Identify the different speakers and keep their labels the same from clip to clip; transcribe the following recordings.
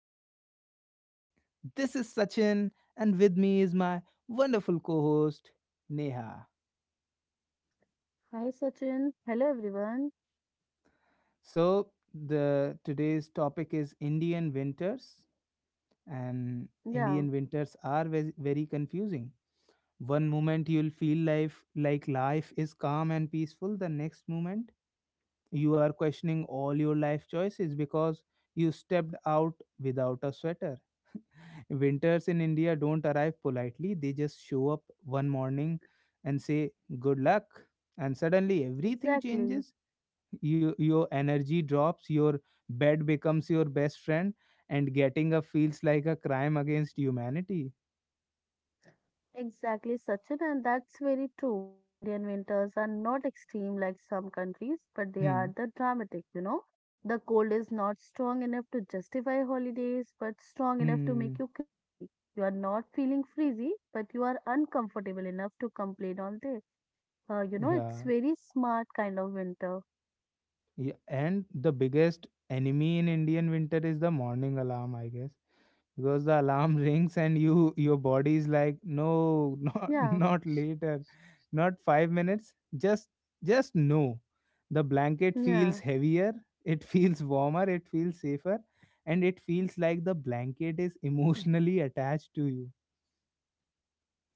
Speaker 1: podcast series. This is Sachin, and with me is my wonderful co host, Neha.
Speaker 2: Hi Sachin. Hello everyone.
Speaker 1: The today's topic is Indian winters, and
Speaker 2: Yeah,
Speaker 1: Indian winters are very confusing. One moment you'll feel life like life is calm and peaceful, the next moment you are questioning all your life choices because you stepped out without a sweater. Winters in India don't arrive politely, they just show up one morning and say, good luck. And suddenly everything
Speaker 2: exactly.
Speaker 1: changes. Your energy drops, your bed becomes your best friend, and getting up feels like a crime against humanity.
Speaker 2: Exactly, Sachin, and that's very true. Indian winters are not extreme like some countries, but they are
Speaker 1: Hmm.
Speaker 2: the dramatic. The cold is not strong enough to justify holidays, but strong enough to
Speaker 1: Hmm.
Speaker 2: make you crazy. You are not feeling freezy, but you are uncomfortable enough to complain all day. It's
Speaker 1: Yeah.
Speaker 2: very smart kind of winter.
Speaker 1: Yeah. And the biggest enemy in Indian winter is the morning alarm, I guess, because the alarm rings and your body is like, no, not
Speaker 2: Yeah,
Speaker 1: not later, not 5 minutes, just no, the blanket feels
Speaker 2: yeah.
Speaker 1: heavier, it feels warmer, it feels safer, and it feels like the blanket is emotionally attached to you.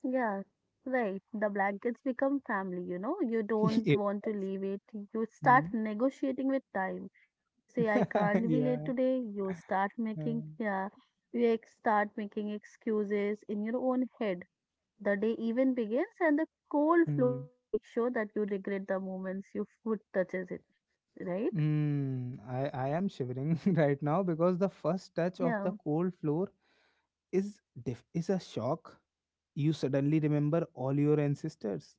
Speaker 2: Yeah, right. The blankets become family, you know. You don't
Speaker 1: Yes.
Speaker 2: want to leave it. You start
Speaker 1: Hmm.
Speaker 2: negotiating with time. You say, I can't be late
Speaker 1: Yeah.
Speaker 2: today. You start making,
Speaker 1: Mm.
Speaker 2: yeah, start making excuses in your own head. The day even begins, and the cold
Speaker 1: Hmm.
Speaker 2: floors make sure that you regret the moments your foot touches it, right?
Speaker 1: Mm. I am shivering right now because the first touch of
Speaker 2: Yeah.
Speaker 1: the cold floor is is a shock. You suddenly remember all your ancestors,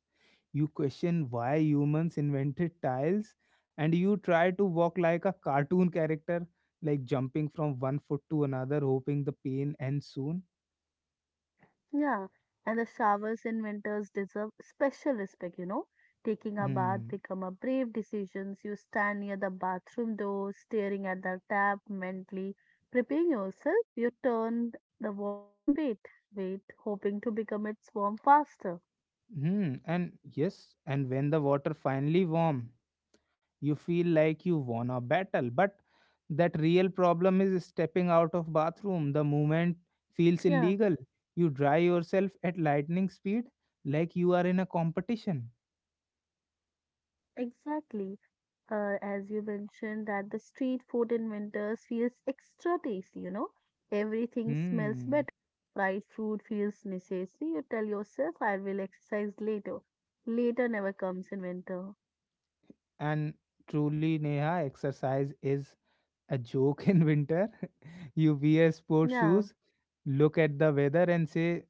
Speaker 1: you question why humans invented tiles, and you try to walk like a cartoon character, like jumping from one foot to another, hoping the pain ends soon.
Speaker 2: Yeah, and the showers in winters deserve special respect. Taking a bath
Speaker 1: Hmm.
Speaker 2: become a brave decision. You stand near the bathroom door, staring at the tap, mentally preparing yourself. You turn the water and wait, hoping to become its warm faster.
Speaker 1: Hmm. And yes, and when the water finally warm, you feel like you won a battle, but that real problem is stepping out of bathroom. The movement feels
Speaker 2: Yeah,
Speaker 1: illegal. You dry yourself at lightning speed, like you are in a competition.
Speaker 2: exactly. As you mentioned, that the street food in winters feels extra tasty. Everything smells
Speaker 1: Hmm.
Speaker 2: better. Fried food feels necessary. You tell yourself, I will exercise later. Later never comes in winter.
Speaker 1: And truly, Neha, exercise is a joke in winter. You wear sports
Speaker 2: Yeah,
Speaker 1: shoes, look at the weather, and say,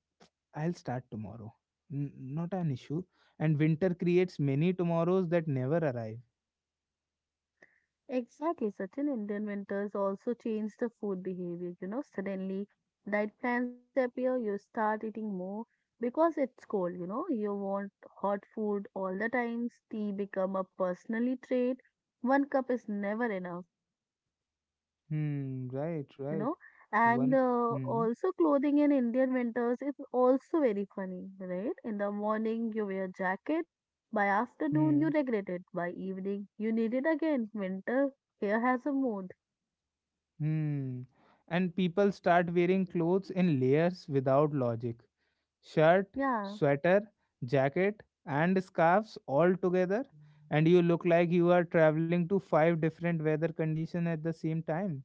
Speaker 1: I'll start tomorrow. Not an issue. And winter creates many tomorrows that never arrive.
Speaker 2: exactly. Certain Indian winters also change the food behavior. Suddenly, diet plans disappear. You start eating more because it's cold, you know. You want hot food all the times. Tea become a personally trait. One cup is never enough.
Speaker 1: Hmm, right,
Speaker 2: you
Speaker 1: right.
Speaker 2: know. And
Speaker 1: One. Hmm,
Speaker 2: also clothing in Indian winters is also very funny, right? In the morning you wear jacket, by afternoon you
Speaker 1: hmm,
Speaker 2: regret it, by evening you need it again. Winter here has a mood.
Speaker 1: hmm. And people start wearing clothes in layers without logic. Shirt,
Speaker 2: Yeah,
Speaker 1: sweater, jacket, and scarves all together, and you look like you are traveling to five different weather conditions at the same time.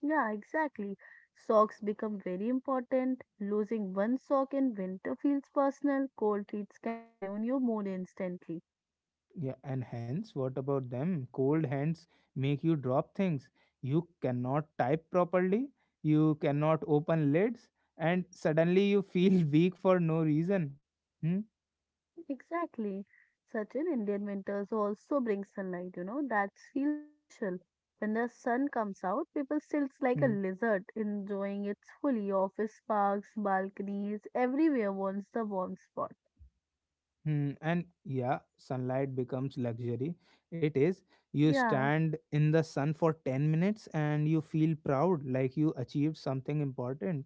Speaker 2: yeah, exactly. Socks become very important. Losing one sock in winter feels personal. Cold feet can ruin your mood instantly.
Speaker 1: Yeah, and hence, what about them? Cold hands make you drop things. You cannot type properly, you cannot open lids, and suddenly you feel weak for no reason. Hmm?
Speaker 2: Exactly. Certain Indian winters also bring sunlight, that feels special. When the sun comes out, people sits like a
Speaker 1: Hmm.
Speaker 2: lizard, enjoying it fully. Office parks, balconies, everywhere wants the warm spot.
Speaker 1: Hmm. And yeah, sunlight becomes luxury. It is. You
Speaker 2: Yeah.
Speaker 1: stand in the sun for 10 minutes and you feel proud, like you achieved something important.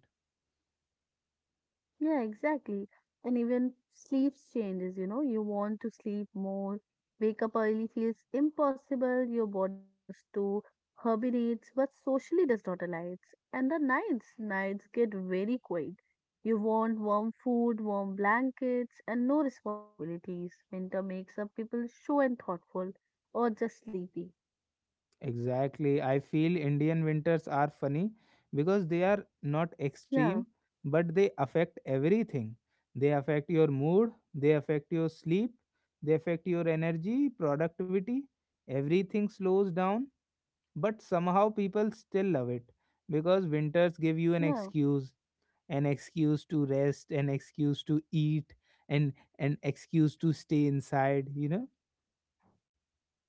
Speaker 2: Yeah, exactly. And even sleep changes, you want to sleep more, wake up early feels impossible, your body wants to hibernates, but socially does not allow it. And the nights get very quiet. You want warm food, warm blankets, and no responsibilities. Winter makes up people show and thoughtful or just sleepy.
Speaker 1: Exactly. I feel Indian winters are funny because they are not
Speaker 2: Yeah,
Speaker 1: extreme, but they affect everything. They affect your mood, they affect your sleep, they affect your energy, productivity. Everything slows down, but somehow people still love it because winters give you
Speaker 2: yeah.
Speaker 1: an excuse to rest, an excuse to eat, and an excuse to stay inside, you know?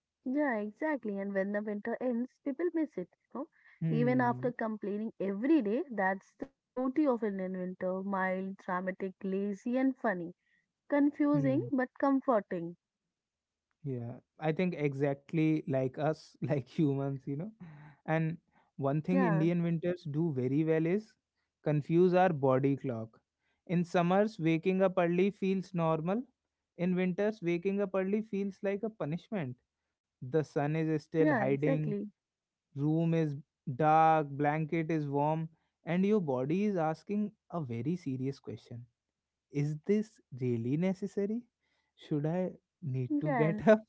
Speaker 2: Yeah, exactly. And when the winter ends, people miss it. Even after
Speaker 1: Hmm.
Speaker 2: complaining every day, that's the beauty of Indian winter. Mild, dramatic, lazy, and funny. Confusing,
Speaker 1: Hmm.
Speaker 2: but comforting.
Speaker 1: Yeah, I think exactly like us, like humans, you know. And one thing
Speaker 2: Yeah,
Speaker 1: Indian winters do very well is confuse our body clock. In summers, waking up early feels normal. In winters, waking up early feels like a punishment. The sun is still
Speaker 2: yeah,
Speaker 1: hiding,
Speaker 2: exactly.
Speaker 1: room is dark, blanket is warm, and your body is asking a very serious question. Is this really necessary? Should I need to
Speaker 2: Yeah, and
Speaker 1: get up?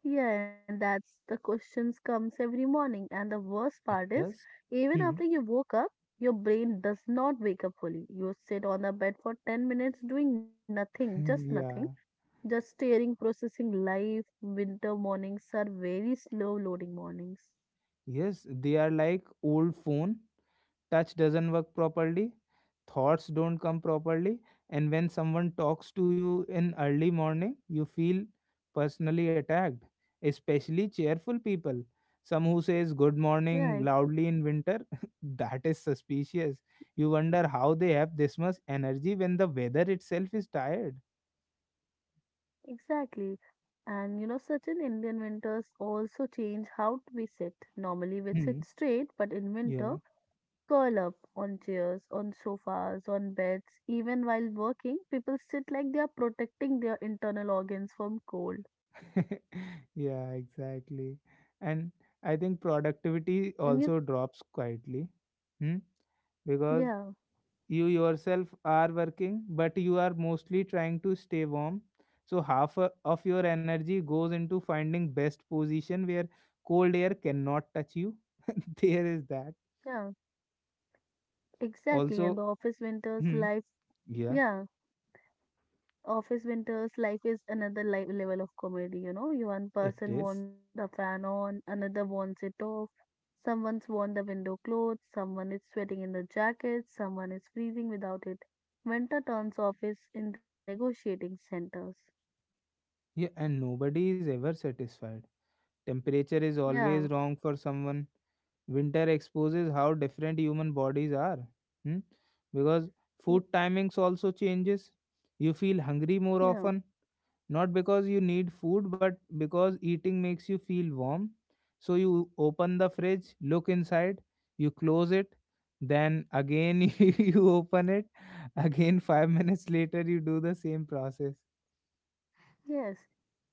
Speaker 2: yeah, and that's the questions comes every morning. And the worst
Speaker 1: It
Speaker 2: part is,
Speaker 1: does.
Speaker 2: even after
Speaker 1: Hmm.
Speaker 2: you woke up, your brain does not wake up fully. You sit on the bed for 10 minutes doing nothing, just nothing.
Speaker 1: Yeah.
Speaker 2: Just staring, processing life. Winter mornings are very slow loading mornings.
Speaker 1: Yes, they are like old phone. Touch doesn't work properly. Thoughts don't come properly. And when someone talks to you in early morning, you feel personally attacked, especially cheerful people. Some who says good
Speaker 2: Yeah,
Speaker 1: morning loudly in winter, that is suspicious. You wonder how they have this much energy when the weather itself is tired.
Speaker 2: exactly. And certain Indian winters also change how we sit. Normally, we
Speaker 1: Hmm.
Speaker 2: sit straight, but in winter,
Speaker 1: Yeah.
Speaker 2: we curl up on chairs, on sofas, on beds. Even while working, people sit like they are protecting their internal organs from cold.
Speaker 1: Yeah, exactly. And I think productivity
Speaker 2: And you,
Speaker 1: also drops quietly. Hmm? Because
Speaker 2: yeah,
Speaker 1: you yourself are working, but you are mostly trying to stay warm. So of your energy goes into finding best position where cold air cannot touch you. There is that.
Speaker 2: yeah, exactly. And
Speaker 1: Also,
Speaker 2: the office winters,
Speaker 1: hmm,
Speaker 2: life,
Speaker 1: yeah,
Speaker 2: yeah. Office Winter's life is another level of comedy, you know. You One
Speaker 1: it
Speaker 2: person
Speaker 1: is.
Speaker 2: wants the fan on, another wants it off. Someone's worn the window closed, someone is sweating in the jacket, someone is freezing without it. Winter turns office into a negotiating centers.
Speaker 1: Yeah, and nobody is ever satisfied. Temperature is
Speaker 2: Yeah.
Speaker 1: always wrong for someone. Winter exposes how different human bodies are. Hmm? Because
Speaker 2: Mm.
Speaker 1: food timings also changes. You feel hungry more
Speaker 2: Yeah,
Speaker 1: often, not because you need food, but because eating makes you feel warm. So you open the fridge, look inside, you close it, then again you open it, again 5 minutes later you do the same process.
Speaker 2: yes.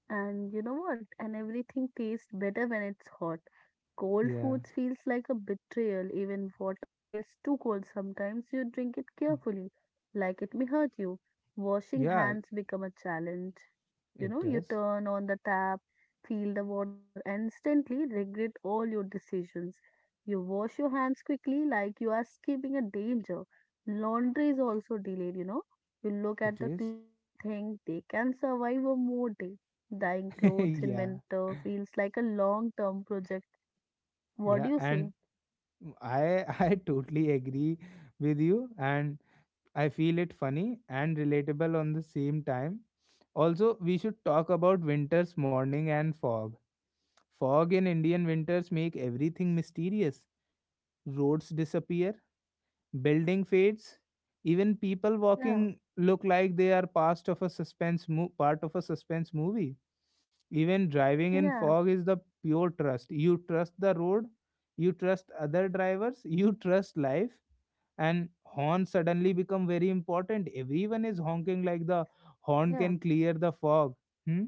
Speaker 2: And you know what? And everything tastes better when it's hot. Cold
Speaker 1: Yeah.
Speaker 2: foods feels like a betrayal. Even water feels too cold sometimes. You drink it
Speaker 1: Hmm.
Speaker 2: carefully, like it may hurt you. Washing
Speaker 1: Yeah,
Speaker 2: hands become a challenge. You
Speaker 1: it
Speaker 2: know, you
Speaker 1: does.
Speaker 2: turn on the tap, feel the water, and instantly regret all your decisions. You wash your hands quickly, like you are escaping a danger. Laundry is also delayed, you know. You look at
Speaker 1: It
Speaker 2: the
Speaker 1: is.
Speaker 2: clothes and think they can survive a more day. Dyeing clothes in
Speaker 1: Yeah.
Speaker 2: winter feels like a long term project. What do
Speaker 1: Yeah,
Speaker 2: you say?
Speaker 1: and I I totally agree with you and I feel it funny and relatable on the same time. Also, we should talk about winter's morning and fog. Fog in Indian winters make everything mysterious. Roads disappear, building fades, even people
Speaker 2: Yeah,
Speaker 1: walking look like they are past of a suspense mo- part of a suspense movie. Even driving in
Speaker 2: yeah,
Speaker 1: fog is the pure trust. You trust the road, you trust other drivers, you trust life, and horns suddenly become very important. Everyone is honking like the horn
Speaker 2: yeah,
Speaker 1: can clear the fog. Hmm?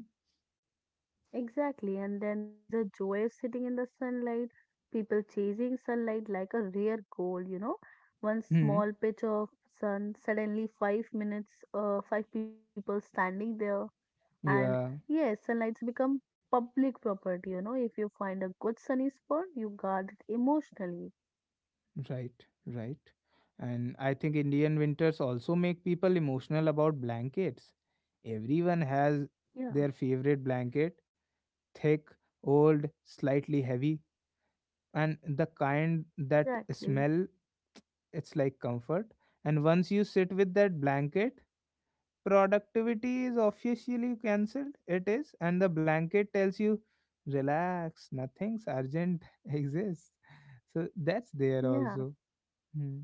Speaker 2: exactly. And then there is a joy of sitting in the sunlight, people chasing sunlight like a rare gold. One
Speaker 1: Hmm.
Speaker 2: small patch of sun, suddenly 5 minutes, five people standing there. And
Speaker 1: Yeah,
Speaker 2: yes, sunlights become public property. If you find a good sunny spot, you guard it emotionally.
Speaker 1: right, right. And I think Indian winters also make people emotional about blankets. Everyone has
Speaker 2: Yeah,
Speaker 1: their favorite blanket, thick, old, slightly heavy, and the kind that
Speaker 2: exactly.
Speaker 1: smell. It's like comfort, and once you sit with that blanket, productivity is officially cancelled. It is, and the blanket tells you, relax, nothing's urgent exists. So that's there
Speaker 2: Yeah.
Speaker 1: also. Hmm.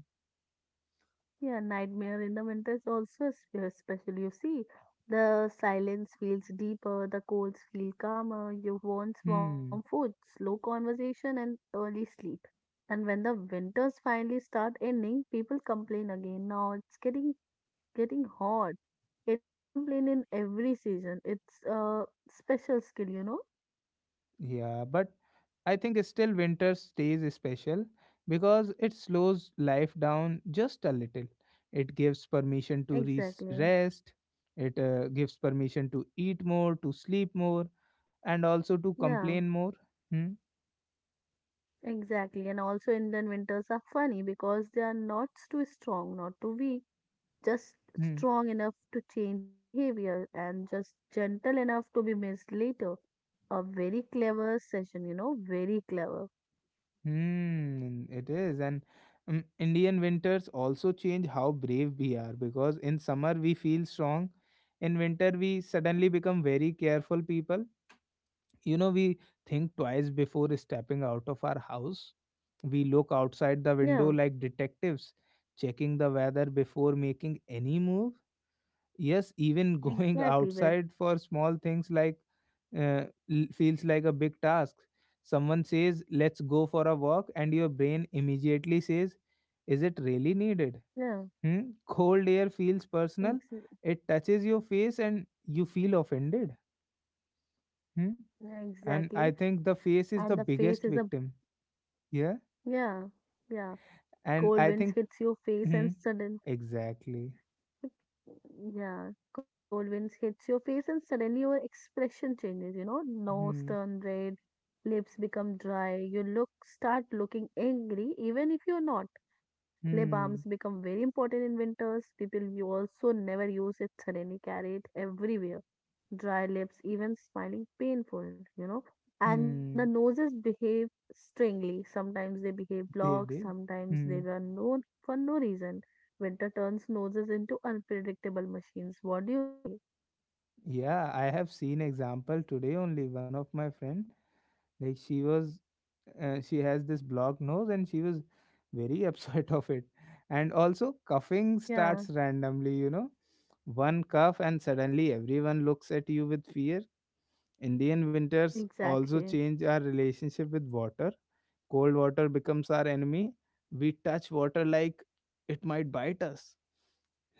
Speaker 2: Yeah, Nightmare in the Winter is also a special. You see, the silence feels deeper, the colds feel calmer, you want warm
Speaker 1: Hmm.
Speaker 2: food, slow conversation, and early sleep. And when the winters finally start ending, people complain again. Now it's getting hot. Indian complain in every season. It's a special skill, you know?
Speaker 1: Yeah, but I think still winter stays special because it slows life down just a little. It gives permission to
Speaker 2: Exactly.
Speaker 1: rest, it gives permission to eat more, to sleep more, and also to
Speaker 2: Yeah,
Speaker 1: complain more. Hmm?
Speaker 2: exactly. And also Indian winters are funny because they are not too strong, not too weak, just
Speaker 1: Hmm.
Speaker 2: strong enough to change our behavior and just gentle enough to be missed later. A very clever session, very clever.
Speaker 1: Hmm. It is. And Indian winters also change how brave we are, because in summer we feel strong, in winter we suddenly become very careful people. You know, we think twice before stepping out of our house. We look outside the window
Speaker 2: Yeah,
Speaker 1: like detectives, checking the weather before making any move. Yes, even going
Speaker 2: exactly. But
Speaker 1: outside for small things like uh, feels like a big task. Someone says let's go for a walk and your brain immediately says, is it really needed?
Speaker 2: yeah,
Speaker 1: Hmm? Cold air feels personal,
Speaker 2: ex-
Speaker 1: it touches your face and you feel offended. Hmm? And I
Speaker 2: exactly.
Speaker 1: think the
Speaker 2: And
Speaker 1: face
Speaker 2: the
Speaker 1: is the
Speaker 2: face is a
Speaker 1: biggest victim here.
Speaker 2: yeah, yeah.
Speaker 1: And
Speaker 2: Cold
Speaker 1: I
Speaker 2: winds
Speaker 1: think,
Speaker 2: hits your face
Speaker 1: hmm,
Speaker 2: and sudden.
Speaker 1: exactly.
Speaker 2: Yeah, cold winds hits your face and suddenly your expression changes, nose
Speaker 1: Hmm,
Speaker 2: turn red, lips become dry, you look start looking angry even if you're not. Lip balms
Speaker 1: hmm,
Speaker 2: become very important in winters. People you also never use it suddenly carry it everywhere. Dry lips, even smiling painful. And the
Speaker 1: hmm,
Speaker 2: noses behave strangely. Sometimes they behave
Speaker 1: they
Speaker 2: blocked,
Speaker 1: did.
Speaker 2: sometimes they
Speaker 1: Hmm.
Speaker 2: run, no, for no reason. Winter turns noses into unpredictable machines. What do you say?
Speaker 1: Yeah, I have seen example today only. One of my friend, like she was, she has this blocked nose and she was very upset of it. And also coughing
Speaker 2: Yeah,
Speaker 1: starts randomly, you know, one cough and suddenly everyone looks at you with fear. Indian winters also
Speaker 2: exactly.
Speaker 1: change our relationship with water. Cold water becomes our enemy. We touch water like it might bite us.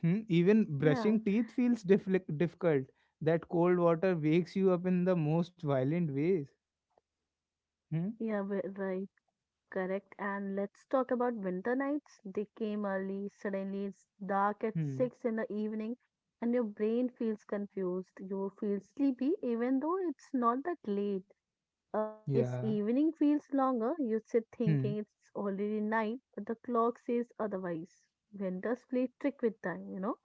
Speaker 1: Hmm? Even
Speaker 2: Yeah,
Speaker 1: brushing teeth feels difficult. That cold water wakes you up in the most violent ways. Hmm?
Speaker 2: yeah, right, correct. And let's talk about winter nights. They came early, suddenly it's dark at
Speaker 1: Hmm.
Speaker 2: 6 in the evening, and your brain feels confused. You feel sleepy, even though it's not that late. Yes,
Speaker 1: Yeah.
Speaker 2: evening feels longer. You sit
Speaker 1: Hmm.
Speaker 2: thinking it's already night, but the clock says otherwise. Vendors play trick with time,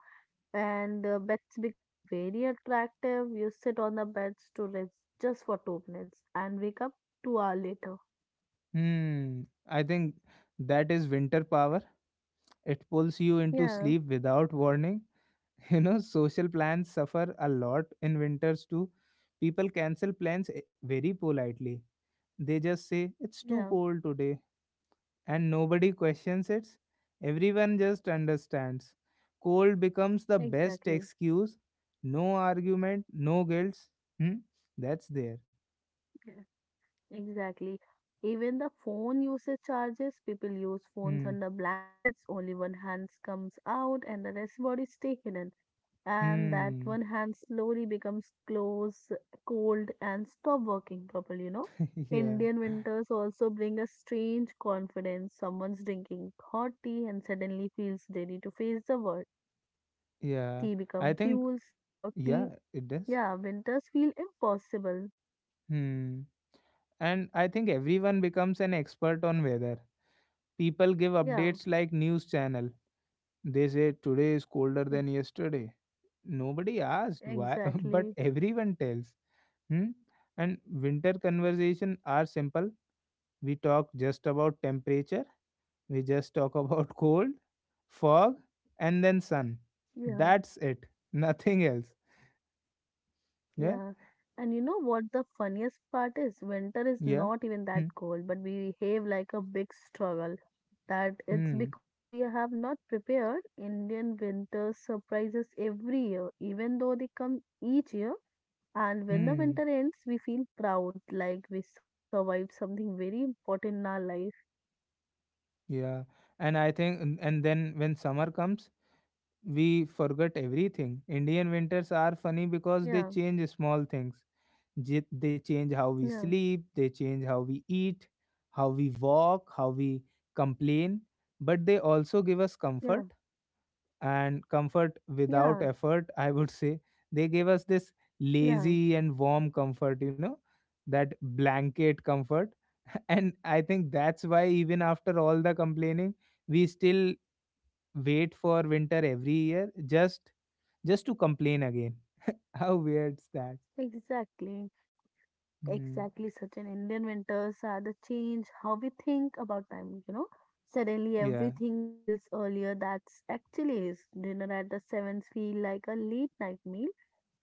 Speaker 2: and beds become very attractive. You sit on the beds to rest just for 2 minutes and wake up 2 hours later.
Speaker 1: Hmm. I think that is winter power. It pulls you into
Speaker 2: Yeah,
Speaker 1: sleep without warning. You know, social plans suffer a lot in winters too. People cancel plans very politely. They just say, it's too
Speaker 2: yeah,
Speaker 1: cold today, and nobody questions it. Everyone just understands. Cold becomes the best
Speaker 2: exactly.
Speaker 1: excuse. No argument, no guilt. Hmm? That's there.
Speaker 2: Yeah, exactly. Even the phone usage charges, people use phones
Speaker 1: Hmm.
Speaker 2: under blankets, only one hand comes out and the rest body stay hidden, and that
Speaker 1: Hmm.
Speaker 2: one hand slowly becomes close, cold, and stop working properly.
Speaker 1: Yeah.
Speaker 2: Indian winters also bring a strange confidence. Someone's drinking hot tea and suddenly feels ready to face the world.
Speaker 1: Yeah.
Speaker 2: Tea
Speaker 1: I
Speaker 2: become
Speaker 1: think,
Speaker 2: fuels. Without
Speaker 1: yeah,
Speaker 2: tea,
Speaker 1: it does.
Speaker 2: yeah, winters feel impossible.
Speaker 1: Hmm. And I think everyone becomes an expert on weather. People give
Speaker 2: Yeah,
Speaker 1: updates like news channel. They say today is colder
Speaker 2: e-
Speaker 1: than yesterday. Nobody asked why, but
Speaker 2: exactly.
Speaker 1: everyone tells. Hmm? And winter conversation are simple. We talk just about temperature. We just talk about cold, fog, and then sun.
Speaker 2: Yeah.
Speaker 1: That's it. Nothing else. Yeah.
Speaker 2: Yeah. And you know what the funniest part is? Winter is
Speaker 1: Yeah.
Speaker 2: not even that
Speaker 1: Hmm.
Speaker 2: cold, but we behave like a big struggle. That it's
Speaker 1: Hmm.
Speaker 2: because we have not prepared. Indian winters surprises every year, even though they come each year. And when the
Speaker 1: Hmm.
Speaker 2: winter ends, we feel proud, like we survived something very important in our life.
Speaker 1: Yeah. And I think, and then when summer comes, we forget everything. Indian winters are funny because they
Speaker 2: Yeah,
Speaker 1: change small things. They change how we
Speaker 2: yeah,
Speaker 1: sleep, they change how we eat, how we walk, how we complain, but they also give us
Speaker 2: yeah,
Speaker 1: comfort, and comfort without
Speaker 2: yeah,
Speaker 1: effort, I would say. They give us this
Speaker 2: yeah,
Speaker 1: lazy and warm comfort, you know, that blanket comfort. And I think that's why, even after all the complaining, we still wait for winter every year, just just to complain again. How weird's that.
Speaker 2: exactly.
Speaker 1: Hmm.
Speaker 2: Exactly, such an Indian winters are the change how we think about time. Suddenly
Speaker 1: Yeah.
Speaker 2: everything feels earlier that's actually is. Dinner at the seventh feel like a late night meal,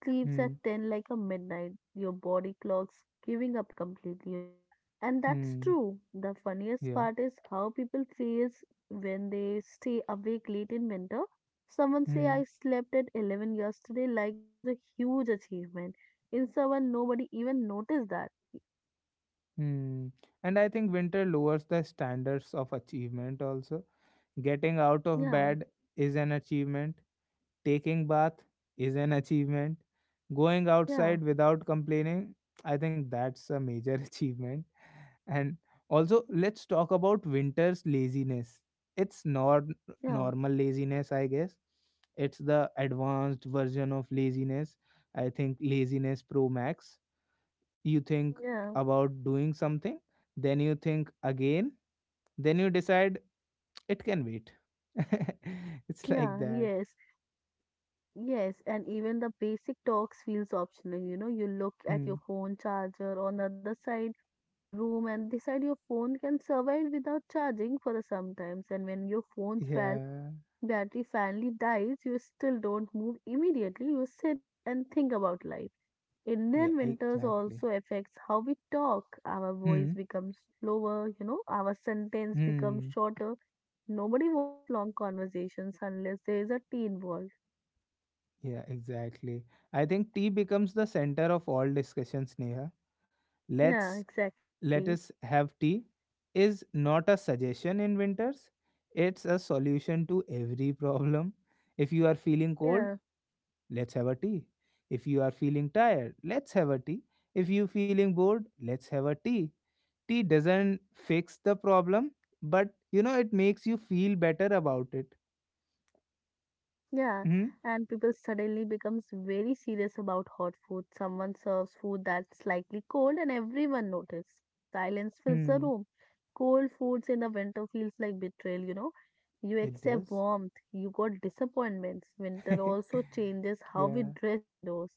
Speaker 2: sleeps
Speaker 1: Hmm.
Speaker 2: at 10 like a midnight. Your body clock's giving up completely. And that's
Speaker 1: Hmm.
Speaker 2: true. The funniest
Speaker 1: Yeah.
Speaker 2: part is how people feels when they stay awake late in winter. Someone say
Speaker 1: Mm,
Speaker 2: I slept at 11 yesterday like it was a huge achievement in someone nobody even noticed that.
Speaker 1: mm. And I think winter lowers the standards of achievement also. Getting out of
Speaker 2: Yeah,
Speaker 1: bed is an achievement. Taking bath is an achievement. Going
Speaker 2: yeah,
Speaker 1: outside without complaining, I think that's a major achievement. And also, let's talk about winter's laziness. It's not
Speaker 2: yeah,
Speaker 1: normal laziness, I guess. It's the advanced version of laziness. I think laziness pro max, you think
Speaker 2: yeah,
Speaker 1: about doing something, then you think again, then you decide it can wait. It's like
Speaker 2: yeah,
Speaker 1: that.
Speaker 2: yes, yes. And even the basic talks feels optional. You know, you look at
Speaker 1: Hmm.
Speaker 2: your phone charger on the other side the room and decide your phone can survive without charging for some times. And when your phone's
Speaker 1: Yeah.
Speaker 2: battery finally dies, you still don't move immediately. You sit and think about life.
Speaker 1: Yeah,
Speaker 2: Indian winters
Speaker 1: exactly.
Speaker 2: also affects how we talk. Our voice
Speaker 1: Hmm.
Speaker 2: becomes slower, our sentence becomes
Speaker 1: Hmm.
Speaker 2: shorter. Nobody wants long conversations unless there is a tea involved.
Speaker 1: Yeah, exactly. I think tea becomes the center of all discussions, Neha.
Speaker 2: Yeah,
Speaker 1: Let's
Speaker 2: exactly.
Speaker 1: Let us have tea is not a suggestion in winters. It's a solution to every problem. If you are feeling cold,
Speaker 2: Yeah,
Speaker 1: let's have a tea. If you are feeling tired, let's have a tea. If you feeling bored, let's have a tea. Tea doesn't fix the problem, but it makes you feel better about it.
Speaker 2: yeah.
Speaker 1: Hmm.
Speaker 2: And people suddenly becomes very serious about hot food. Someone serves food that's slightly cold and everyone notices. Silence fills the room.
Speaker 1: Hmm.
Speaker 2: Cold foods in the winter feels like betrayal, you know. You
Speaker 1: It
Speaker 2: accept
Speaker 1: does.
Speaker 2: warmth, you got disappointments. Winter also changes how we
Speaker 1: yeah.
Speaker 2: dress indoors.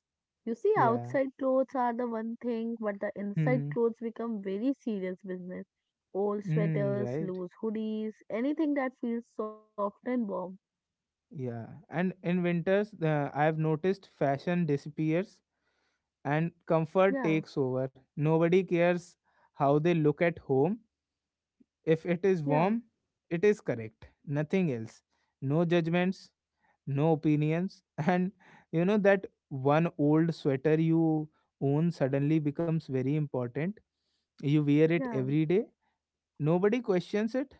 Speaker 2: You see,
Speaker 1: Yeah.
Speaker 2: outside clothes are the one thing, but the inside
Speaker 1: Hmm.
Speaker 2: clothes become very serious business. Old
Speaker 1: Hmm.
Speaker 2: sweaters,
Speaker 1: Right.
Speaker 2: loose hoodies, anything that feels soft and warm.
Speaker 1: Yeah. And in winters, I have noticed fashion disappears and comfort
Speaker 2: Yeah,
Speaker 1: takes over. Nobody cares how they look at home. If it is
Speaker 2: yeah,
Speaker 1: warm, it is correct. Nothing else. No judgments, no opinions. And you know that one old sweater you own suddenly becomes very important. You wear it
Speaker 2: yeah,
Speaker 1: every day. Nobody questions it.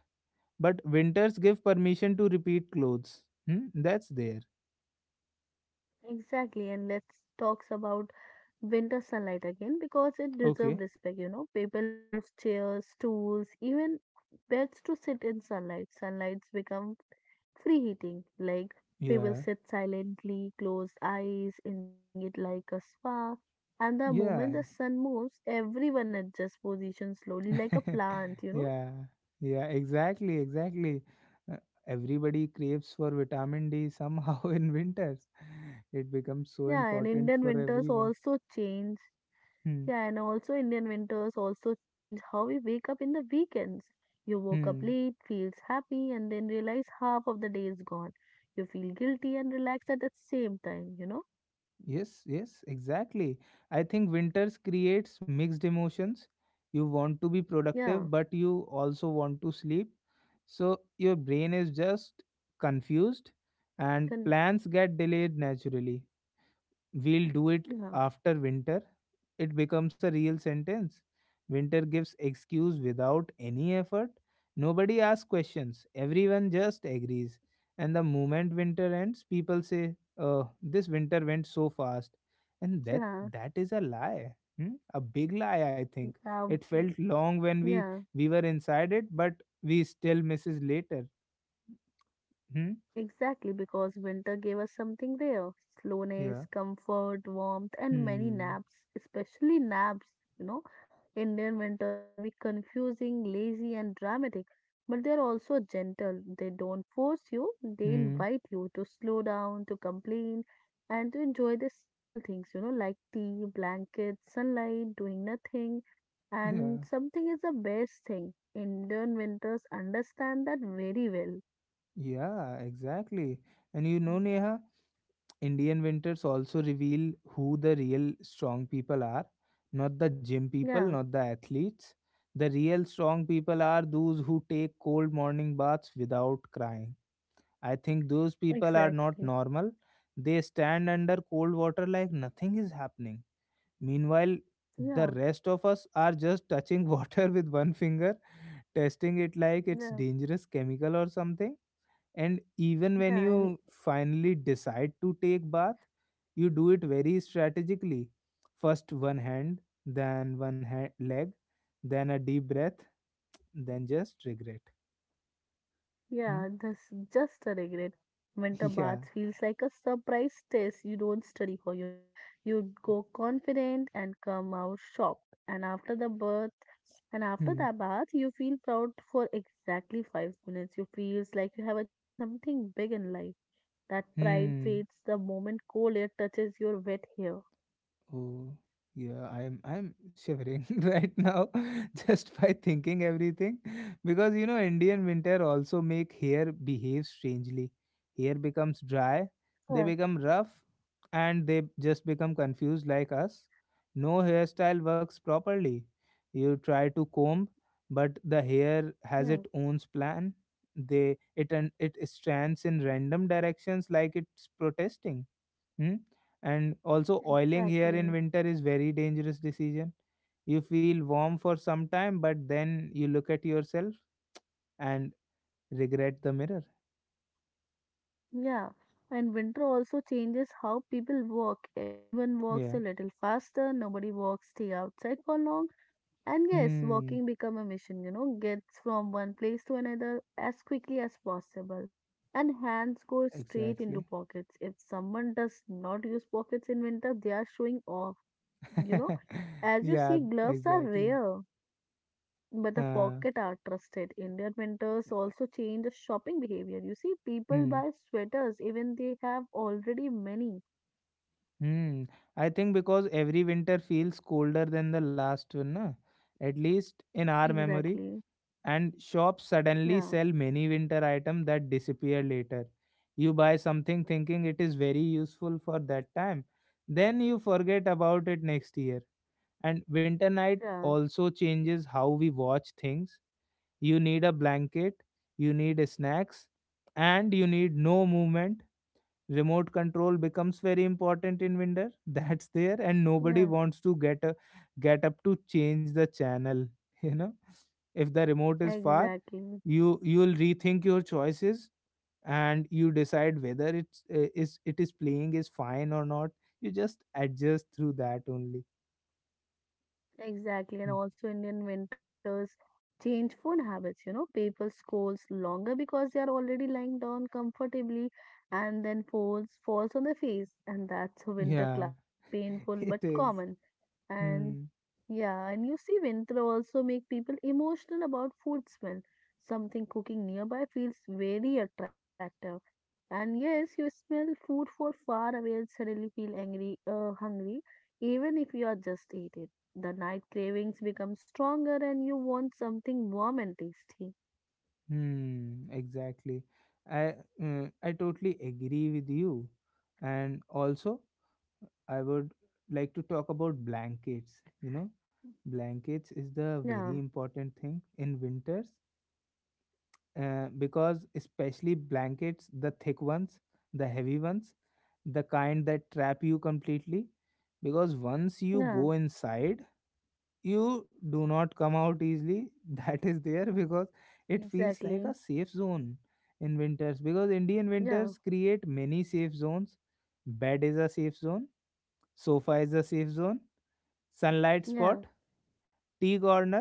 Speaker 1: But winters give permission to repeat clothes. Hmm? That's there.
Speaker 2: exactly. And let's talk about winter sunlight again because it
Speaker 1: Okay.
Speaker 2: deserves respect. People move chairs, stools, even beds to sit in sunlight. Sunlights become free heating, like people
Speaker 1: Yeah.
Speaker 2: sit silently, closed eyes, enjoying it like a spa. And the moment
Speaker 1: Yeah.
Speaker 2: the sun moves, everyone adjusts position slowly like a plant.
Speaker 1: yeah, yeah, exactly, exactly. Uh, everybody craves for vitamin D somehow in winters. It becomes so
Speaker 2: Yeah, and
Speaker 1: important
Speaker 2: Indian
Speaker 1: for
Speaker 2: winters
Speaker 1: everyone.
Speaker 2: also change.
Speaker 1: Hmm.
Speaker 2: Yeah, and also Indian winters also change how we wake up in the weekends. You woke up
Speaker 1: Hmm.
Speaker 2: late, feels happy, and then realize half of the day is gone. You feel guilty and relaxed at the same time, you know?
Speaker 1: Yes, yes, exactly. I think winters creates mixed emotions. You want to be
Speaker 2: Yeah.
Speaker 1: productive, but you also want to sleep, so your brain is just confused and
Speaker 2: Can,
Speaker 1: plans get delayed naturally. "We'll do it
Speaker 2: yeah.
Speaker 1: after winter" it becomes a real sentence. Winter gives excuse without any effort. Nobody asks questions. Everyone just agrees. And the moment winter ends, people say, "Oh, this winter went so fast," and that
Speaker 2: Yeah.
Speaker 1: that is a lie. Hmm? A big lie, I think.
Speaker 2: Yeah.
Speaker 1: It felt long when we
Speaker 2: Yeah.
Speaker 1: we were inside it, but we still misses later. Hmm?
Speaker 2: Exactly, because winter gave us something rare: slowness,
Speaker 1: Yeah.
Speaker 2: comfort, warmth, and many
Speaker 1: Hmm.
Speaker 2: naps, especially naps. You know, Indian winters may be confusing, lazy, and dramatic, but they're also gentle. They don't force you, they
Speaker 1: Hmm.
Speaker 2: invite you to slow down, to complain, and to enjoy the small things, you know, like tea, blankets, sunlight, doing nothing.
Speaker 1: Yeah.
Speaker 2: And something is the best thing. Indian winters understand that very well.
Speaker 1: Yeah. Exactly. And you know, Neha, Indian winters also reveal who the real strong people are. Not the gym people,
Speaker 2: Yeah.
Speaker 1: not the athletes. The real strong people are those who take cold morning baths without crying. I think those people are not
Speaker 2: Exactly.
Speaker 1: normal. They stand under cold water like nothing is happening. Meanwhile, the
Speaker 2: Yeah,
Speaker 1: rest of us are just touching water with one finger, testing it like it's
Speaker 2: yeah,
Speaker 1: dangerous chemical or something. And even when
Speaker 2: yeah, and
Speaker 1: you finally decide to take bath, you do it very strategically. First one hand, then one hand, leg, then a deep breath, then just regret. Hmm?
Speaker 2: yeah, that's just a regret. Winter bath
Speaker 1: yeah.
Speaker 2: feels like a surprise test you don't study for, you know. You go confident and come out shocked. And after the bath, and after
Speaker 1: Hmm.
Speaker 2: the bath, you feel proud for exactly 5 minutes. You feels like you have achieved something big in life. That pride
Speaker 1: Hmm.
Speaker 2: fades the moment cold air touches your wet hair.
Speaker 1: Oh, yeah, I'm shivering right now just by thinking everything, because Indian winter also make hair behave strangely. Hair becomes dry, they
Speaker 2: Yeah,
Speaker 1: become rough, and they just become confused like us. No hairstyle works properly. You try to comb, but the hair has
Speaker 2: yeah,
Speaker 1: its own plan. They it and it strands in random directions like it's protesting. Hmm? And also oiling here in
Speaker 2: exactly.
Speaker 1: winter is very dangerous decision. You feel warm for some time, but then you look at yourself and regret the mirror.
Speaker 2: Yeah, and winter also changes how people walk. Everyone
Speaker 1: Yeah.
Speaker 2: walks a little faster, nobody walks stay outside for long. And yes,
Speaker 1: Hmm.
Speaker 2: walking become a mission, you know, gets from one place to another as quickly as possible. And hands go straight into
Speaker 1: Exactly.
Speaker 2: pockets. If someone does not use pockets in winter, they are showing off, you know. As you
Speaker 1: yeah.
Speaker 2: see, gloves are
Speaker 1: Exactly.
Speaker 2: rare. But the pocket
Speaker 1: Uh,
Speaker 2: are trusted. Indian winters also change the shopping behavior. You see, people
Speaker 1: hmm.
Speaker 2: buy sweaters even they have already many.
Speaker 1: Hmm. I think because every winter feels colder than the last one, na? At least in our memory.
Speaker 2: Exactly.
Speaker 1: And shops suddenly
Speaker 2: Yeah.
Speaker 1: sell many winter items that disappear later. You buy something thinking it is very useful for that time, then you forget about it next year. And winter night
Speaker 2: Yeah.
Speaker 1: also changes how we watch things. You need a blanket, you need snacks, and you need no movement. Remote control becomes very important in winter. That's there, and nobody
Speaker 2: Yeah.
Speaker 1: wants to get up to change the channel. You know, if the remote is far,
Speaker 2: Exactly.
Speaker 1: you'll rethink your choices, and you decide whether it's is it is playing is fine or not. You just adjust through that only.
Speaker 2: Exactly. And
Speaker 1: Mm.
Speaker 2: also Indian winters change food habits, you know. People scrolls longer because they are already lying down comfortably and then falls on the face. And that's a winter
Speaker 1: Yeah,
Speaker 2: classic, painful but
Speaker 1: it is.
Speaker 2: common. And
Speaker 1: Hmm.
Speaker 2: yeah, and you see, winter also make people emotional about food smell. Something cooking nearby feels very attractive. And yes, you smell food for far away and suddenly feel angry, hungry, even if you are just ate it. The night cravings become stronger and you want something warm and tasty.
Speaker 1: Hmm. Exactly. I uh, i totally agree with you. And also, I would like to talk about blankets. Blankets is the very
Speaker 2: Yeah,
Speaker 1: important thing in winters. Because especially blankets, the thick ones, the heavy ones, the kind that trap you completely. Because once you
Speaker 2: yeah,
Speaker 1: go inside, you do not come out easily. That is there, because it feels
Speaker 2: exactly.
Speaker 1: like a safe zone in winters. Because Indian
Speaker 2: Yeah,
Speaker 1: winters create many safe zones. Bed is a safe zone, sofa is a safe zone, sunlight
Speaker 2: yeah,
Speaker 1: spot, tea corner.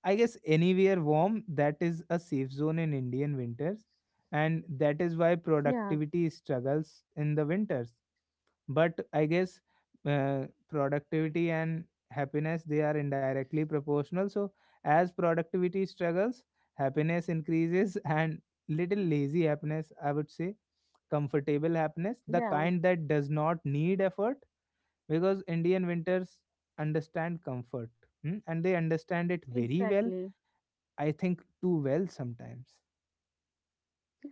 Speaker 1: I guess anywhere warm, that is a safe zone in Indian winters. And that is why
Speaker 2: yeah,
Speaker 1: productivity struggles in the winters. But I guess productivity and happiness, they are indirectly proportional, so as productivity struggles, happiness increases. and little lazy happiness, I would say, comfortable happiness, the
Speaker 2: yeah,
Speaker 1: kind that does not need effort. Because Indian winters understand comfort. And they understand it very well.
Speaker 2: exactly.
Speaker 1: I think too well sometimes.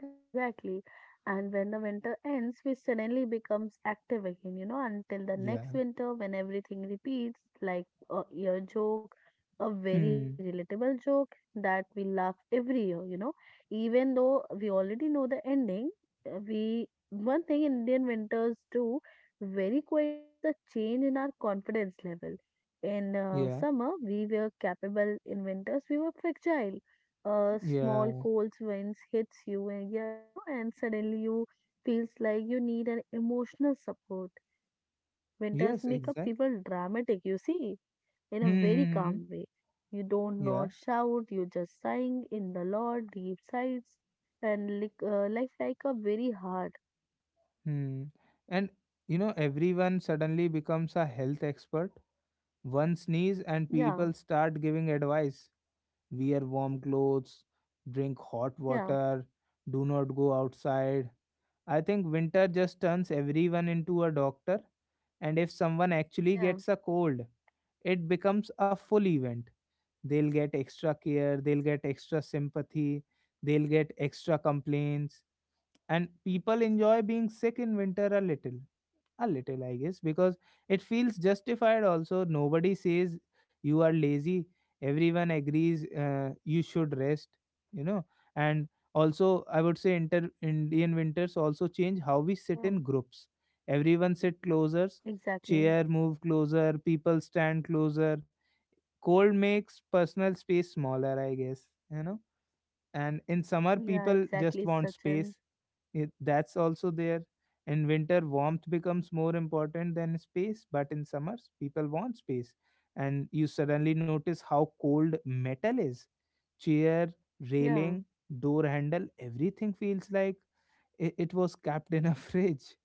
Speaker 2: Yeah, exactly. And when the winter ends, we suddenly becomes active again, you know, until the next
Speaker 1: Yeah.
Speaker 2: winter when everything repeats, like a year joke, a very
Speaker 1: Hmm.
Speaker 2: relatable joke that we laugh every year, you know. Even though we already know the ending, we one thing Indian winters do very quietly is the change in our confidence level. In
Speaker 1: Yeah.
Speaker 2: summer, we were capable. In winters, we were fragile. A small
Speaker 1: Yeah.
Speaker 2: cold winds hits you and yeah you know and suddenly you feels like you need an emotional support. Winters
Speaker 1: Yes,
Speaker 2: make up
Speaker 1: exactly.
Speaker 2: people dramatic, you see, in
Speaker 1: Hmm.
Speaker 2: a very
Speaker 1: Hmm, hmm.
Speaker 2: calm way. You don't
Speaker 1: Yeah.
Speaker 2: not shout, you just sighing in the lot deep sighs and like life like a very hard.
Speaker 1: Hmm. And everyone suddenly becomes a health expert. One sneeze and
Speaker 2: Yeah,
Speaker 1: people start giving advice. Wear warm clothes, drink hot
Speaker 2: yeah,
Speaker 1: water, do not go outside. I think winter just turns everyone into a doctor. And if someone actually
Speaker 2: yeah,
Speaker 1: gets a cold, it becomes a full event. They'll get extra care, they'll get extra sympathy, they'll get extra complaints, and people enjoy being sick in winter a little, a little, I guess, because it feels justified. Also, nobody says you are lazy. Everyone agrees, you should rest. you know and also, I would say Indian winters also change how we
Speaker 2: yeah,
Speaker 1: sit in groups. Everyone sit closer,
Speaker 2: exactly,
Speaker 1: chair move closer, people stand closer. Cold makes personal space smaller, I guess. And in summer,
Speaker 2: yeah,
Speaker 1: people just
Speaker 2: exactly,
Speaker 1: want
Speaker 2: Sachin,
Speaker 1: space. It, that's also there. In winter, warmth becomes more important than space, but in summers, people want space. And you suddenly notice how cold metal is. Chair,
Speaker 2: yeah.
Speaker 1: railing, door handle, everything feels like it was kept in a fridge.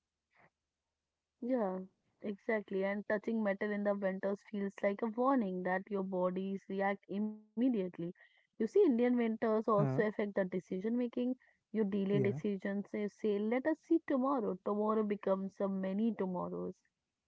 Speaker 2: Yeah, exactly. And touching metal in the winters feels like a warning that your bodies react immediately. You see, Indian winters also
Speaker 1: Huh?
Speaker 2: affect the decision making. You delay
Speaker 1: Yeah.
Speaker 2: decisions, you say, let us see tomorrow. Tomorrow becomes a many tomorrows.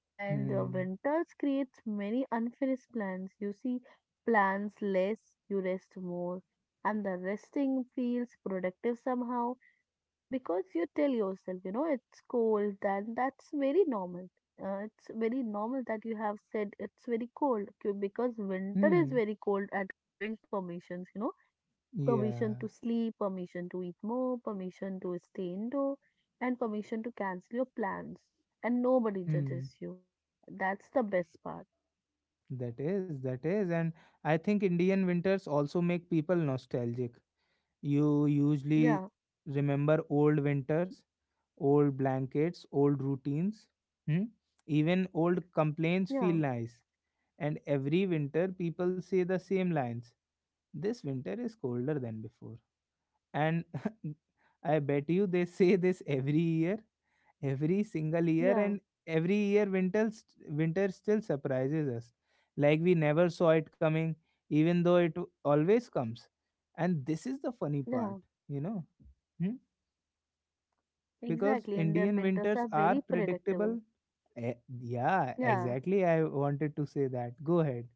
Speaker 2: And the
Speaker 1: Hmm.
Speaker 2: winters creates many unfinished plans. You see, plans less, you rest more. And the resting feels productive somehow because you tell yourself, you know, it's cold, then that's very normal. It's very normal that you have said it's very cold because winter is
Speaker 1: Hmm.
Speaker 2: very cold at a giving permissions, you know, permission to
Speaker 1: Yeah.
Speaker 2: sleep, permission to eat more, permission to stay indoor, and permission to cancel your plans. And nobody
Speaker 1: Hmm.
Speaker 2: judges you. That's the best part.
Speaker 1: That is, that is. And I think Indian winters also make people nostalgic. You usually
Speaker 2: Yeah,
Speaker 1: remember old winters, old blankets, old routines. Hmm? Even old complaints feel
Speaker 2: yeah,
Speaker 1: nice. And every winter, people say the same lines. This winter is colder than before. And I bet you they say this every year, every single year.
Speaker 2: yeah,
Speaker 1: And every year winter winter still surprises us like we never saw it coming, even though it always comes. And this is the funny
Speaker 2: yeah,
Speaker 1: part, you know hmm? Because
Speaker 2: exactly. Indian
Speaker 1: Indian
Speaker 2: winters
Speaker 1: winters
Speaker 2: are
Speaker 1: are
Speaker 2: very predictable.
Speaker 1: predictable. Eh, yeah,
Speaker 2: Yeah.
Speaker 1: exactly, I wanted to say that, go ahead.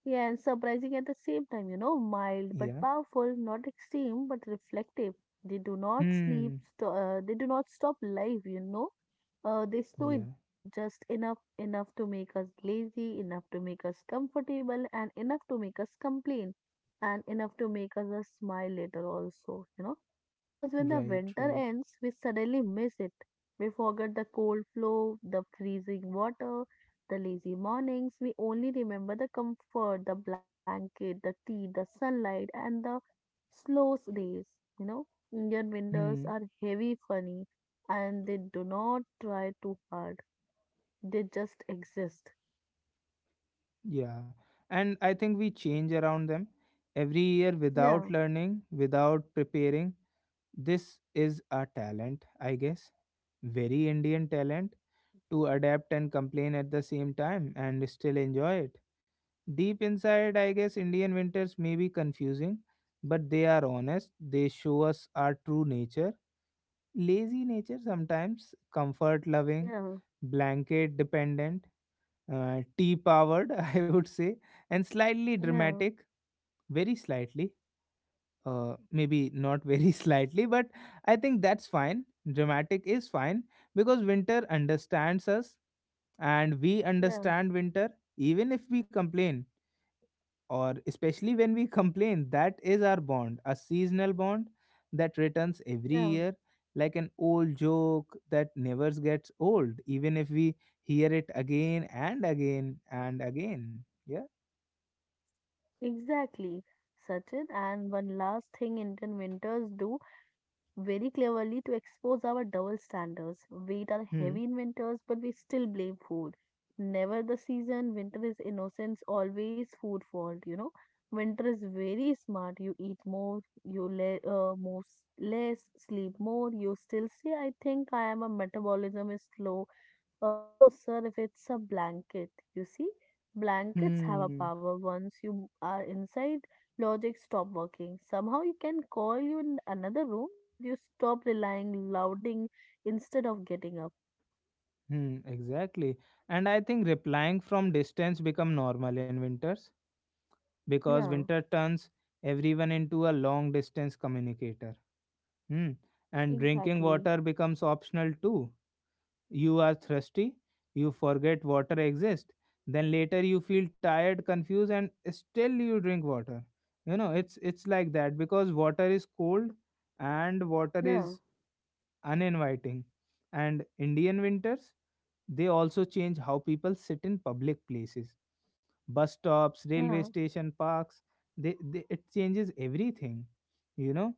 Speaker 2: Yeah, and surprising at the same time, you know, mild but
Speaker 1: Yeah.
Speaker 2: powerful, not extreme but reflective. They do not sleep,
Speaker 1: Hmm.
Speaker 2: they do not stop life, you know. They slow it
Speaker 1: Yeah.
Speaker 2: down just enough, enough to make us lazy, enough to make us comfortable, and enough to make us complain, and enough to make us smile later also, you know. Because when the
Speaker 1: Right,
Speaker 2: winter
Speaker 1: right.
Speaker 2: ends, we suddenly miss it. We forget the cold flow, the freezing water, the lazy mornings, we only remember the comfort, the blanket, the tea, the sunlight, and the slow days. You know, Indian winters
Speaker 1: Hmm.
Speaker 2: are heavy, funny, and they do not try too hard. They just exist.
Speaker 1: Yeah. And I think we change around them every year, without
Speaker 2: Yeah,
Speaker 1: learning, without preparing. This is a talent, I guess. Very Indian talent, to adapt and complain at the same time and still enjoy it. Deep inside, I guess Indian winters may be confusing, but they are honest. They show us our true nature. Lazy nature sometimes, comfort loving,
Speaker 2: yeah,
Speaker 1: blanket dependent, tea powered, I would say, and slightly
Speaker 2: yeah,
Speaker 1: dramatic, very slightly. Maybe not very slightly, but I think that's fine. Dramatic is fine, because winter understands us and we
Speaker 2: yeah,
Speaker 1: understand winter, even if we complain, or especially when we complain. That is our bond, a seasonal bond that returns every
Speaker 2: yeah.
Speaker 1: year, like an old joke that never gets old, even if we hear it again and again and again. Yeah.
Speaker 2: Exactly, Sachin. And one last thing Indian winters do very cleverly to expose our double standards. Weight are
Speaker 1: Hmm.
Speaker 2: heavy in winters, but we still blame food. Never the season, winter is innocence, always food fault, you know. Winter is very smart. You eat more, you more, less, sleep more, you still say, I think I am a metabolism is slow. No, sir, if it's a blanket, you see, blankets have a
Speaker 1: Hmm.
Speaker 2: power. Once you are inside, logic stop working. Somehow you can call you in another room, but you stop relying louding instead of getting up.
Speaker 1: Hmm, exactly. And I think replying from distance become normal in winters, because
Speaker 2: Yeah,
Speaker 1: winter turns everyone into a long distance communicator. Hmm. And drinking
Speaker 2: exactly.
Speaker 1: water becomes optional too. You are thirsty, you forget water exists. Then later you feel tired, confused, and still you drink water. It's like that, because water is cold and water
Speaker 2: Yeah,
Speaker 1: is uninviting. And Indian winters, they also change how people sit in public places. Bus stops, railway
Speaker 2: yeah.
Speaker 1: station, parks, they it changes everything. You know,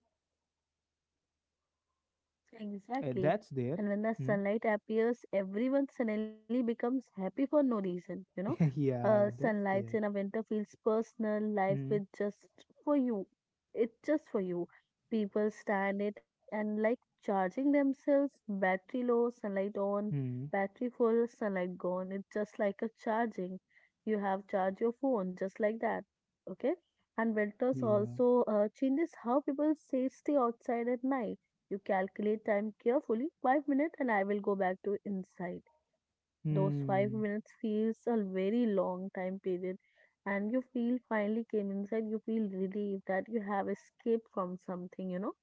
Speaker 2: Exactly.
Speaker 1: That's there.
Speaker 2: And when the
Speaker 1: Hmm.
Speaker 2: sunlight appears, everyone suddenly becomes happy for no reason, you know.
Speaker 1: yeah, that's
Speaker 2: Sunlights
Speaker 1: there.
Speaker 2: in a winter feels personal, life
Speaker 1: Hmm.
Speaker 2: is just for you. It's just for you. People stand it and like charging themselves, battery low, sunlight on,
Speaker 1: Hmm.
Speaker 2: battery full, sunlight gone. It's just like a charging. You have charge your phone just like that, okay? And winters
Speaker 1: Yeah.
Speaker 2: also changes how people say stay outside at night. You calculate time carefully, 5 minutes, and I will go back to inside. And those five
Speaker 1: Hmm.
Speaker 2: minutes feels a very long time period. And you feel finally came inside, you feel relieved that you have escaped from something, you know.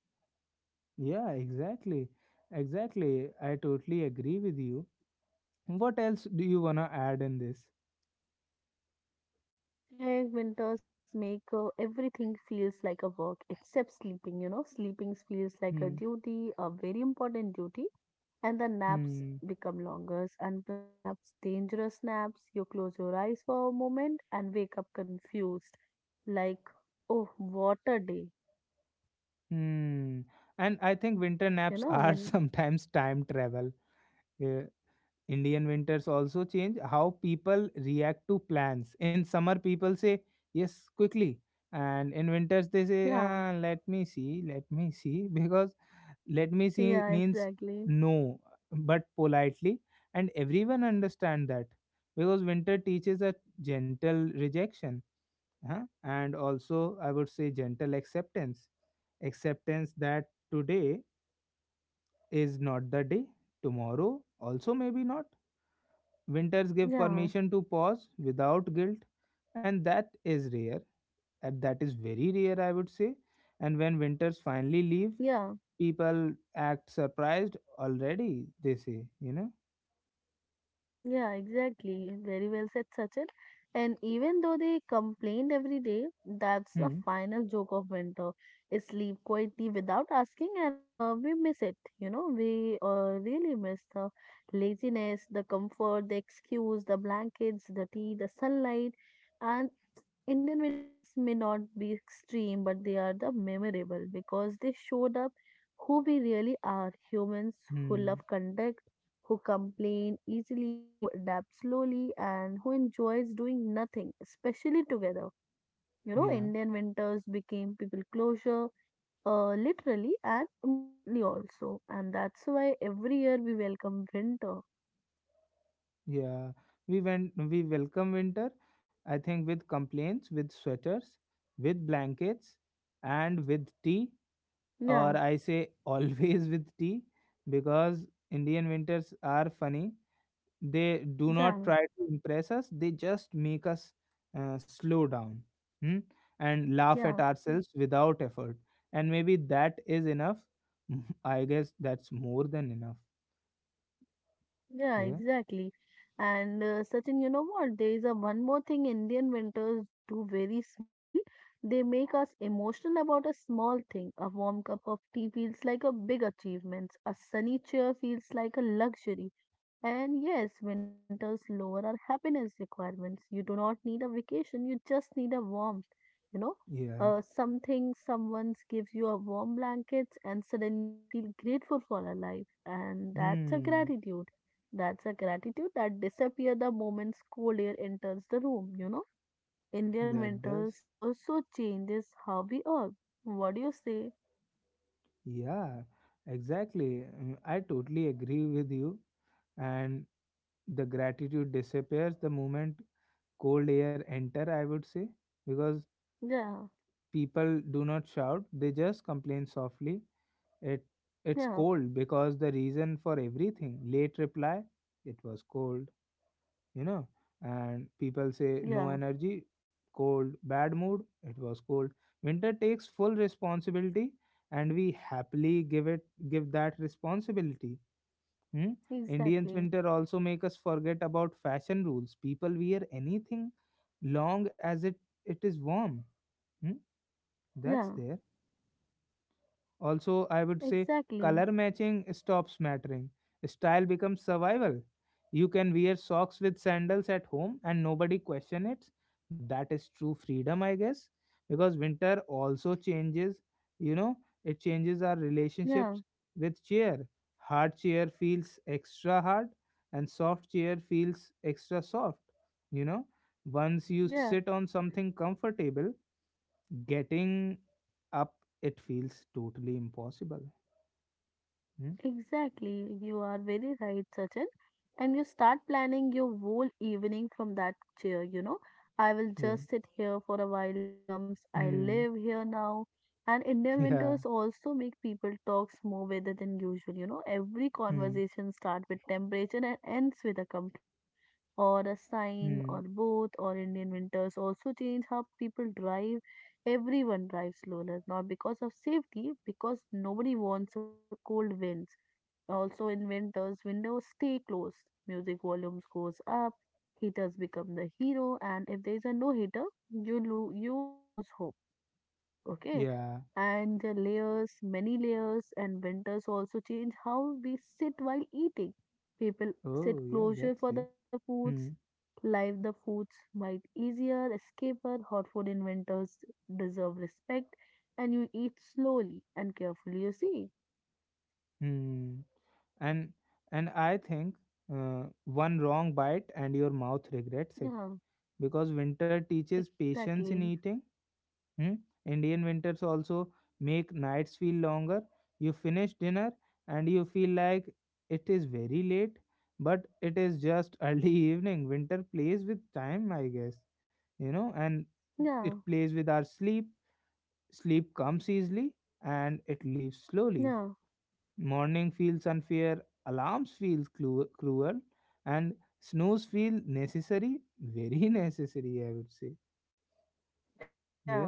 Speaker 1: Yeah, exactly. Exactly. I totally agree with you. What else do you want to add in this?
Speaker 2: And winters make everything feels like a work except sleeping, you know. Sleeping feels like a
Speaker 1: Hmm.
Speaker 2: duty, a very important duty. And the naps
Speaker 1: Hmm.
Speaker 2: become longer, unplanned naps, dangerous naps. You close your eyes for a moment and wake up confused, like, oh, what a day.
Speaker 1: Hmm. And I think winter
Speaker 2: You
Speaker 1: naps
Speaker 2: know,
Speaker 1: are
Speaker 2: when,
Speaker 1: sometimes time travel. Uh, Indian winters also change how people react to plans. In summer, people say yes quickly, and in winters, they say,
Speaker 2: yeah,
Speaker 1: ah, let me see, because let me see
Speaker 2: yeah,
Speaker 1: means
Speaker 2: exactly.
Speaker 1: no, but politely, and everyone understand that, because winter teaches a gentle rejection, huh? And also, I would say gentle acceptance, acceptance that today is not the day, tomorrow also maybe not. Winters give
Speaker 2: Yeah,
Speaker 1: permission to pause without guilt, and that is rare. And that is very rare, I would say. And when winters finally leave,
Speaker 2: yeah.
Speaker 1: people act surprised already, they say, you know?
Speaker 2: Yeah, exactly. Very well said, Sachin. And even though they complained every day, that's the
Speaker 1: Hmm.
Speaker 2: final joke of winter. Is sleep quietly without asking, and we miss it. You know, we really miss the laziness, the comfort, the excuse, the blankets, the tea, the sunlight, and Indian winters may not be extreme, but they are the memorable because they showed up who we really are, humans who
Speaker 1: Hmm.
Speaker 2: love conduct, who complain easily, who adapt slowly, and who enjoys doing nothing, especially together. You know,
Speaker 1: Yeah.
Speaker 2: Indian winters became people closure, literally and emotionally also, and that's why every year we welcome winter.
Speaker 1: Yeah. We welcome winter, I think, with complaints, with sweaters, with blankets, and with tea, or
Speaker 2: Yeah,
Speaker 1: I say always with tea, because Indian winters are funny. They do not
Speaker 2: yeah,
Speaker 1: try to impress us, they just make us slow down, hmm, and laugh
Speaker 2: yeah.
Speaker 1: at ourselves without effort. And maybe that is enough. I guess that's more than enough.
Speaker 2: Yeah,
Speaker 1: Yeah.
Speaker 2: exactly. And Sachin, you know what? There is a one more thing Indian winters do very smoothly. They make us emotional about a small thing. A warm cup of tea feels like a big achievement. A sunny chair feels like a luxury. And yes, winters lower our happiness requirements. You do not need a vacation, you just need a warmth. You know,
Speaker 1: Yeah.
Speaker 2: something, someone gives you a warm blanket, and suddenly you feel grateful for your life. And that's a
Speaker 1: Hmm.
Speaker 2: gratitude. That's a gratitude that disappears the moment cold air enters the room. You know, Indian
Speaker 1: That does.
Speaker 2: winters also changes how we work. What do you say?
Speaker 1: Yeah. Exactly. Mm, I totally agree with you. And the gratitude disappears the moment cold air enter, I would say, because
Speaker 2: Yeah,
Speaker 1: people do not shout, they just complain softly. It it's
Speaker 2: yeah,
Speaker 1: cold, because the reason for everything, late reply, it was cold, you know and people say no
Speaker 2: yeah,
Speaker 1: energy, cold, bad mood, it was cold. Winter takes full responsibility, and we happily give it, give that responsibility. Hmm?
Speaker 2: exactly.
Speaker 1: Indians winter also make us forget about fashion rules. People wear anything long as it is warm. Hmm? That's
Speaker 2: Yeah,
Speaker 1: there. Also, I would say
Speaker 2: exactly.
Speaker 1: color matching stops mattering. Style becomes survival. You can wear socks with sandals at home and nobody question it. That is true freedom, I guess, because winter also changes, you know, it changes our
Speaker 2: Yeah,
Speaker 1: relationships with chair. Hard chair feels extra hard and soft chair feels extra soft, you know. Once you
Speaker 2: yeah.
Speaker 1: sit on something comfortable, getting up, it feels totally impossible. Hmm?
Speaker 2: Exactly, you are very right, Sachin. And you start planning your whole evening from that chair, you know. I will
Speaker 1: Yeah.
Speaker 2: just sit here for a while becomes I
Speaker 1: Hmm.
Speaker 2: live here now. And Indian
Speaker 1: Yeah.
Speaker 2: winters also make people talk more weather than usual, you know. Every
Speaker 1: Hmm.
Speaker 2: conversation starts with temperature and ends with a complaint or a sign or
Speaker 1: Hmm.
Speaker 2: both or Indian winters also change how people drive. Everyone drives slower, not because of safety, because nobody wants a cold wind. Also, in winters, windows stay closed, music volumes goes up, heaters become the hero, and if there is a no heater, you you use hope. Okay,
Speaker 1: Yeah.
Speaker 2: and the layers, many layers, and winters also change how we sit while eating. People
Speaker 1: Oh,
Speaker 2: sit
Speaker 1: yeah.
Speaker 2: closer
Speaker 1: That's
Speaker 2: for
Speaker 1: there.
Speaker 2: the foods,
Speaker 1: Hmm.
Speaker 2: live the foods might easier, escaper, hot food in winters deserve respect, and you eat slowly and carefully. You see,
Speaker 1: Hmm. And and I think one wrong bite and your mouth regrets it
Speaker 2: yeah,
Speaker 1: because winter teaches patience in
Speaker 2: exactly,
Speaker 1: eating. Hmm? Indian winters also make nights feel longer. You finish dinner and you feel like it is very late, but it is just early evening. Winter plays with time, I guess, and it
Speaker 2: yeah.
Speaker 1: plays with our sleep. Sleep comes easily and it leaves slowly.
Speaker 2: No,
Speaker 1: Morning feels unfair, alarms feel cruel, and snooze feel necessary, very necessary, I would say.
Speaker 2: no,
Speaker 1: Yeah.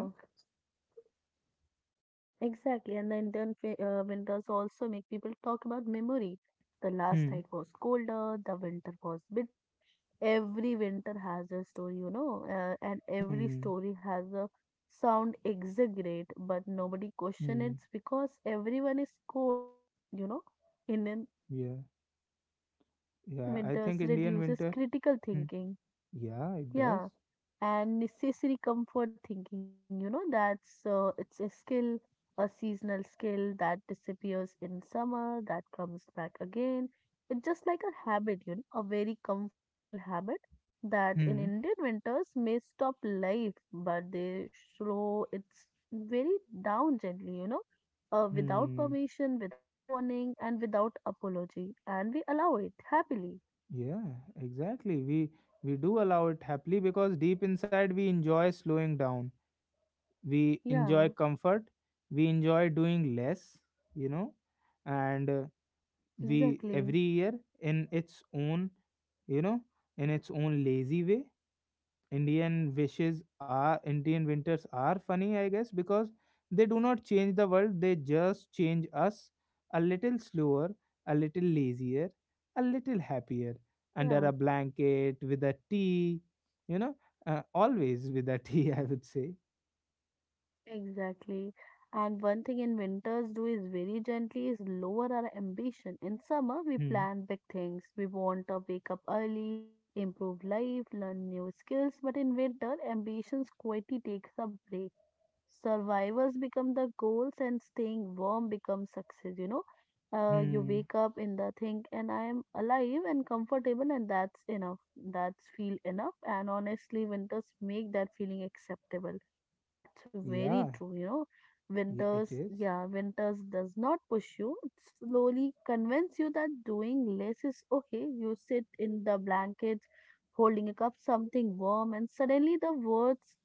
Speaker 2: exactly. And winters also make people talk about memory. The last night
Speaker 1: Hmm.
Speaker 2: was colder, the winter was bitter. Every winter has a story, you know, and every
Speaker 1: Hmm.
Speaker 2: story has a sound exaggerate, but nobody question
Speaker 1: Hmm.
Speaker 2: it because everyone is cold, you know. Indian
Speaker 1: Yeah. Yeah, I
Speaker 2: winters
Speaker 1: think Indian
Speaker 2: reduces
Speaker 1: winter.
Speaker 2: critical
Speaker 1: Hmm.
Speaker 2: thinking.
Speaker 1: Yeah, it does.
Speaker 2: Yeah, and necessary comfort thinking, you know, that's it's a skill, a seasonal skill that disappears in summer that comes back again. It's just like a habit, you know, a very comfortable habit that in
Speaker 1: Hmm.
Speaker 2: Indian winters may stop life but they slow it's very down gently, you know, without
Speaker 1: Hmm.
Speaker 2: permission, without warning and without apology, and we allow it happily.
Speaker 1: Yeah, exactly. We do allow it happily because deep inside we enjoy slowing down. We
Speaker 2: Yeah,
Speaker 1: enjoy comfort. We enjoy doing less, you know. And we
Speaker 2: exactly,
Speaker 1: every year in its own, you know, in its own lazy way. Indian winters are funny, I guess, because they do not change the world, they just change us a little slower, a little lazier, a little happier under
Speaker 2: yeah.
Speaker 1: a blanket with a tea, you know, always with a tea, I would say.
Speaker 2: Exactly. And one thing in winters do is very gently is lower our ambition. In summer, we
Speaker 1: Hmm.
Speaker 2: plan big things. We want to wake up early, improve life, learn new skills. But in winter, ambitions quietly takes a break, survivors become the goals, and staying warm becomes success. You
Speaker 1: Hmm.
Speaker 2: wake up in the thing and I am alive and comfortable, and that's enough. That's feel enough, and honestly winters make that feeling acceptable. that's very
Speaker 1: Yeah.
Speaker 2: true you know
Speaker 1: Yeah, it
Speaker 2: Winters,
Speaker 1: is.
Speaker 2: yeah, winters does not push you, it slowly convince you that doing less is okay. You sit in the blankets holding a cup, something warm, and suddenly the words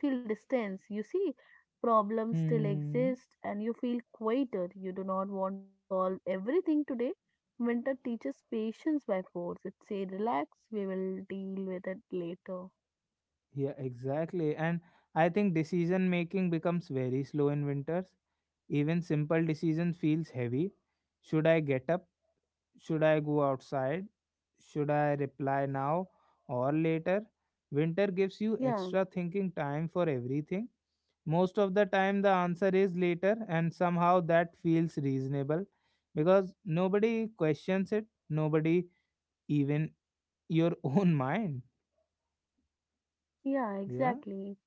Speaker 2: feel distance, you see. Problems still
Speaker 1: Hmm.
Speaker 2: exist and you feel quieter. You do not want to solve everything today. Winter teaches patience by force. It say relax, we will deal with it later.
Speaker 1: Yeah, exactly. And I think decision making becomes very slow in winters. Even simple decision feels heavy. Should I get up? Should I go outside? Should I reply now or later? Winter gives you
Speaker 2: Yeah.
Speaker 1: extra thinking time for everything. Most of the time, the answer is later, and somehow that feels reasonable because nobody questions it, nobody even your own mind.
Speaker 2: Yeah,
Speaker 1: Yeah.
Speaker 2: exactly.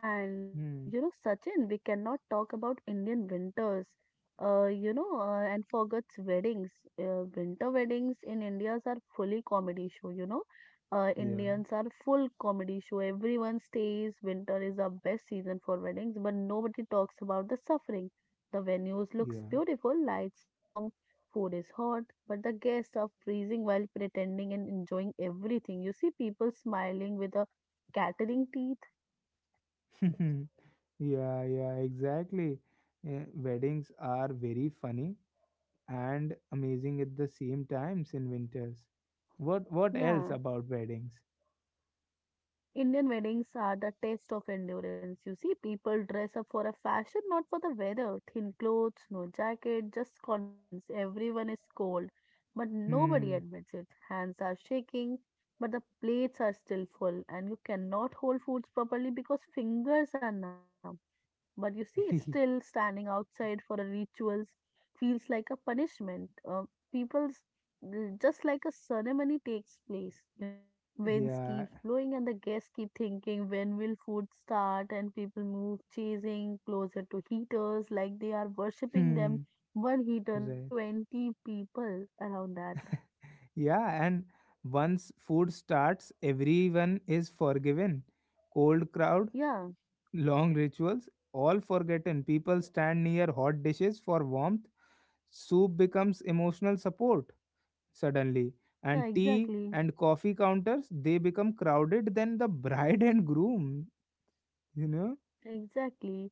Speaker 2: And
Speaker 1: Hmm.
Speaker 2: you know, Sachin, we cannot talk about Indian winters, you know, and forget weddings. Winter weddings in India's are fully comedy show, you know.
Speaker 1: Yeah.
Speaker 2: Indians are full comedy show. Everyone stays. Winter is the best season for weddings, but nobody talks about the suffering. The venues looks
Speaker 1: Yeah.
Speaker 2: beautiful, lights warm, food is hot, but the guests are freezing while pretending and enjoying everything. You see people smiling with a catering teeth?
Speaker 1: Yeah. Yeah. Exactly. Yeah, weddings are very funny and amazing at the same times in winters. What else
Speaker 2: Yeah.
Speaker 1: about weddings?
Speaker 2: Indian weddings are the test of endurance. You see, people dress up for a fashion, not for the weather. Thin clothes, no jacket, just confidence. Everyone is cold, but nobody
Speaker 1: Hmm.
Speaker 2: admits it. Hands are shaking, but the plates are still full, and you cannot hold foods properly because fingers are numb. But you see, still standing outside for a rituals feels like a punishment. People's just like a ceremony takes place, you know. Winds
Speaker 1: Yeah.
Speaker 2: keeps blowing and the guests keep thinking when will food start, and people move chasing closer to heaters like they are worshipping them.
Speaker 1: Hmm.
Speaker 2: One heater and
Speaker 1: Right.
Speaker 2: 20 people around that.
Speaker 1: Yeah, and once food starts, everyone is forgiven. Cold crowd,
Speaker 2: Yeah,
Speaker 1: long rituals, all forgotten. People stand near hot dishes for warmth. Soup becomes emotional support suddenly. And
Speaker 2: yeah,
Speaker 1: tea
Speaker 2: exactly.
Speaker 1: and coffee counters, they become crowded than the bride and groom, you know?
Speaker 2: Exactly.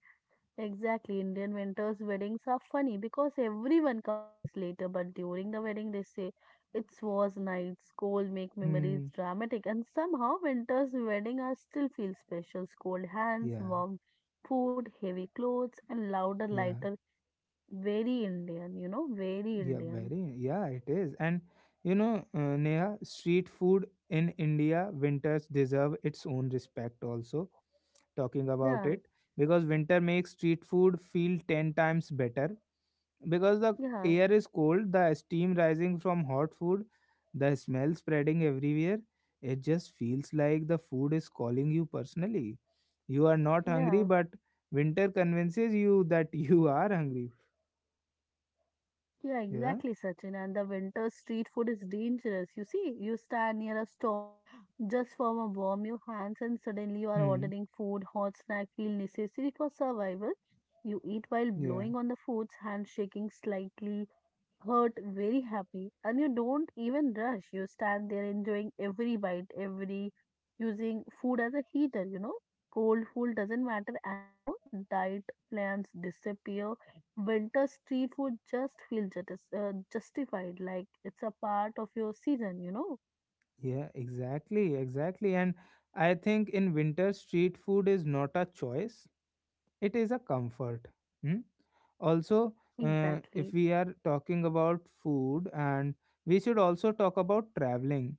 Speaker 2: Exactly, Indian winters weddings are funny because everyone complains later, but during the wedding they say it was nights, cold make memories
Speaker 1: Hmm.
Speaker 2: dramatic, and somehow winter's wedding are still feel special. Cold hands,
Speaker 1: Yeah.
Speaker 2: warm food, heavy clothes, and louder,
Speaker 1: Yeah.
Speaker 2: lighter. Very Indian, you know, very
Speaker 1: Yeah.
Speaker 2: Indian.
Speaker 1: Very. Yeah. It is. And Neha, street food in India winters deserve its own respect. Also, talking about
Speaker 2: Yeah,
Speaker 1: it because winter makes street food feel 10 times better because the
Speaker 2: yeah,
Speaker 1: air is cold, the steam rising from hot food, the smell spreading everywhere. It just feels like the food is calling you personally. You are not hungry,
Speaker 2: yeah.
Speaker 1: but winter convinces you that you are hungry.
Speaker 2: Yeah,
Speaker 1: Yeah.
Speaker 2: exactly, Sachin. And the winter street food is dangerous. You see, you stand near a stall, just form a warm your hands, and suddenly you are
Speaker 1: Hmm.
Speaker 2: ordering food, hot snack feel necessary for survival. You eat while
Speaker 1: Yeah.
Speaker 2: blowing on the foods, hands shaking slightly, hurt, very happy, and you don't even rush. You stand there enjoying every bite, every using food as a heater, you know. Cold food doesn't matter anymore. Diet plans disappear. Winter street food just feels just, justified, like it's a part of your season, you know.
Speaker 1: Yeah. Exactly. Exactly. And I think in winter, street food is not a choice. It is a comfort. Hmm. Also,
Speaker 2: Exactly.
Speaker 1: if we are talking about food and we should also talk about traveling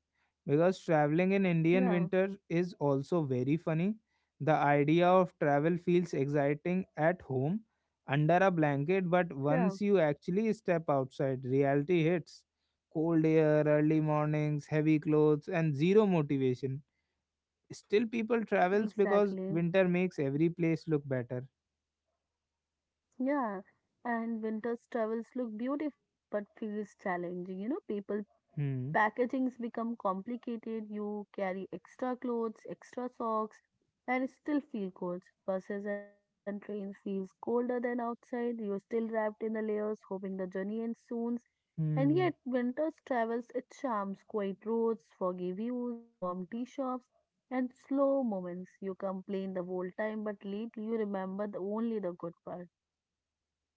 Speaker 1: because traveling in Indian
Speaker 2: Yeah,
Speaker 1: winter is also very funny. The idea of travel feels exciting at home under a blanket, but
Speaker 2: yeah,
Speaker 1: once you actually step outside, reality hits. Cold air, early mornings, heavy clothes, and zero motivation. Still, people travels because
Speaker 2: exactly.
Speaker 1: winter makes every place look better.
Speaker 2: Yeah. And winter's travels look beautiful but feels challenging. You know, people
Speaker 1: Hmm.
Speaker 2: packagings become complicated. You carry extra clothes, extra socks, and still feel cold. Buses and trains feels colder than outside. You're still wrapped in the layers hoping the journey ends soon, and yet
Speaker 1: Hmm.
Speaker 2: winter's travels its charms, quiet roads, foggy views, warm tea shops and slow moments. You complain the whole time but lately you remember the only the good part.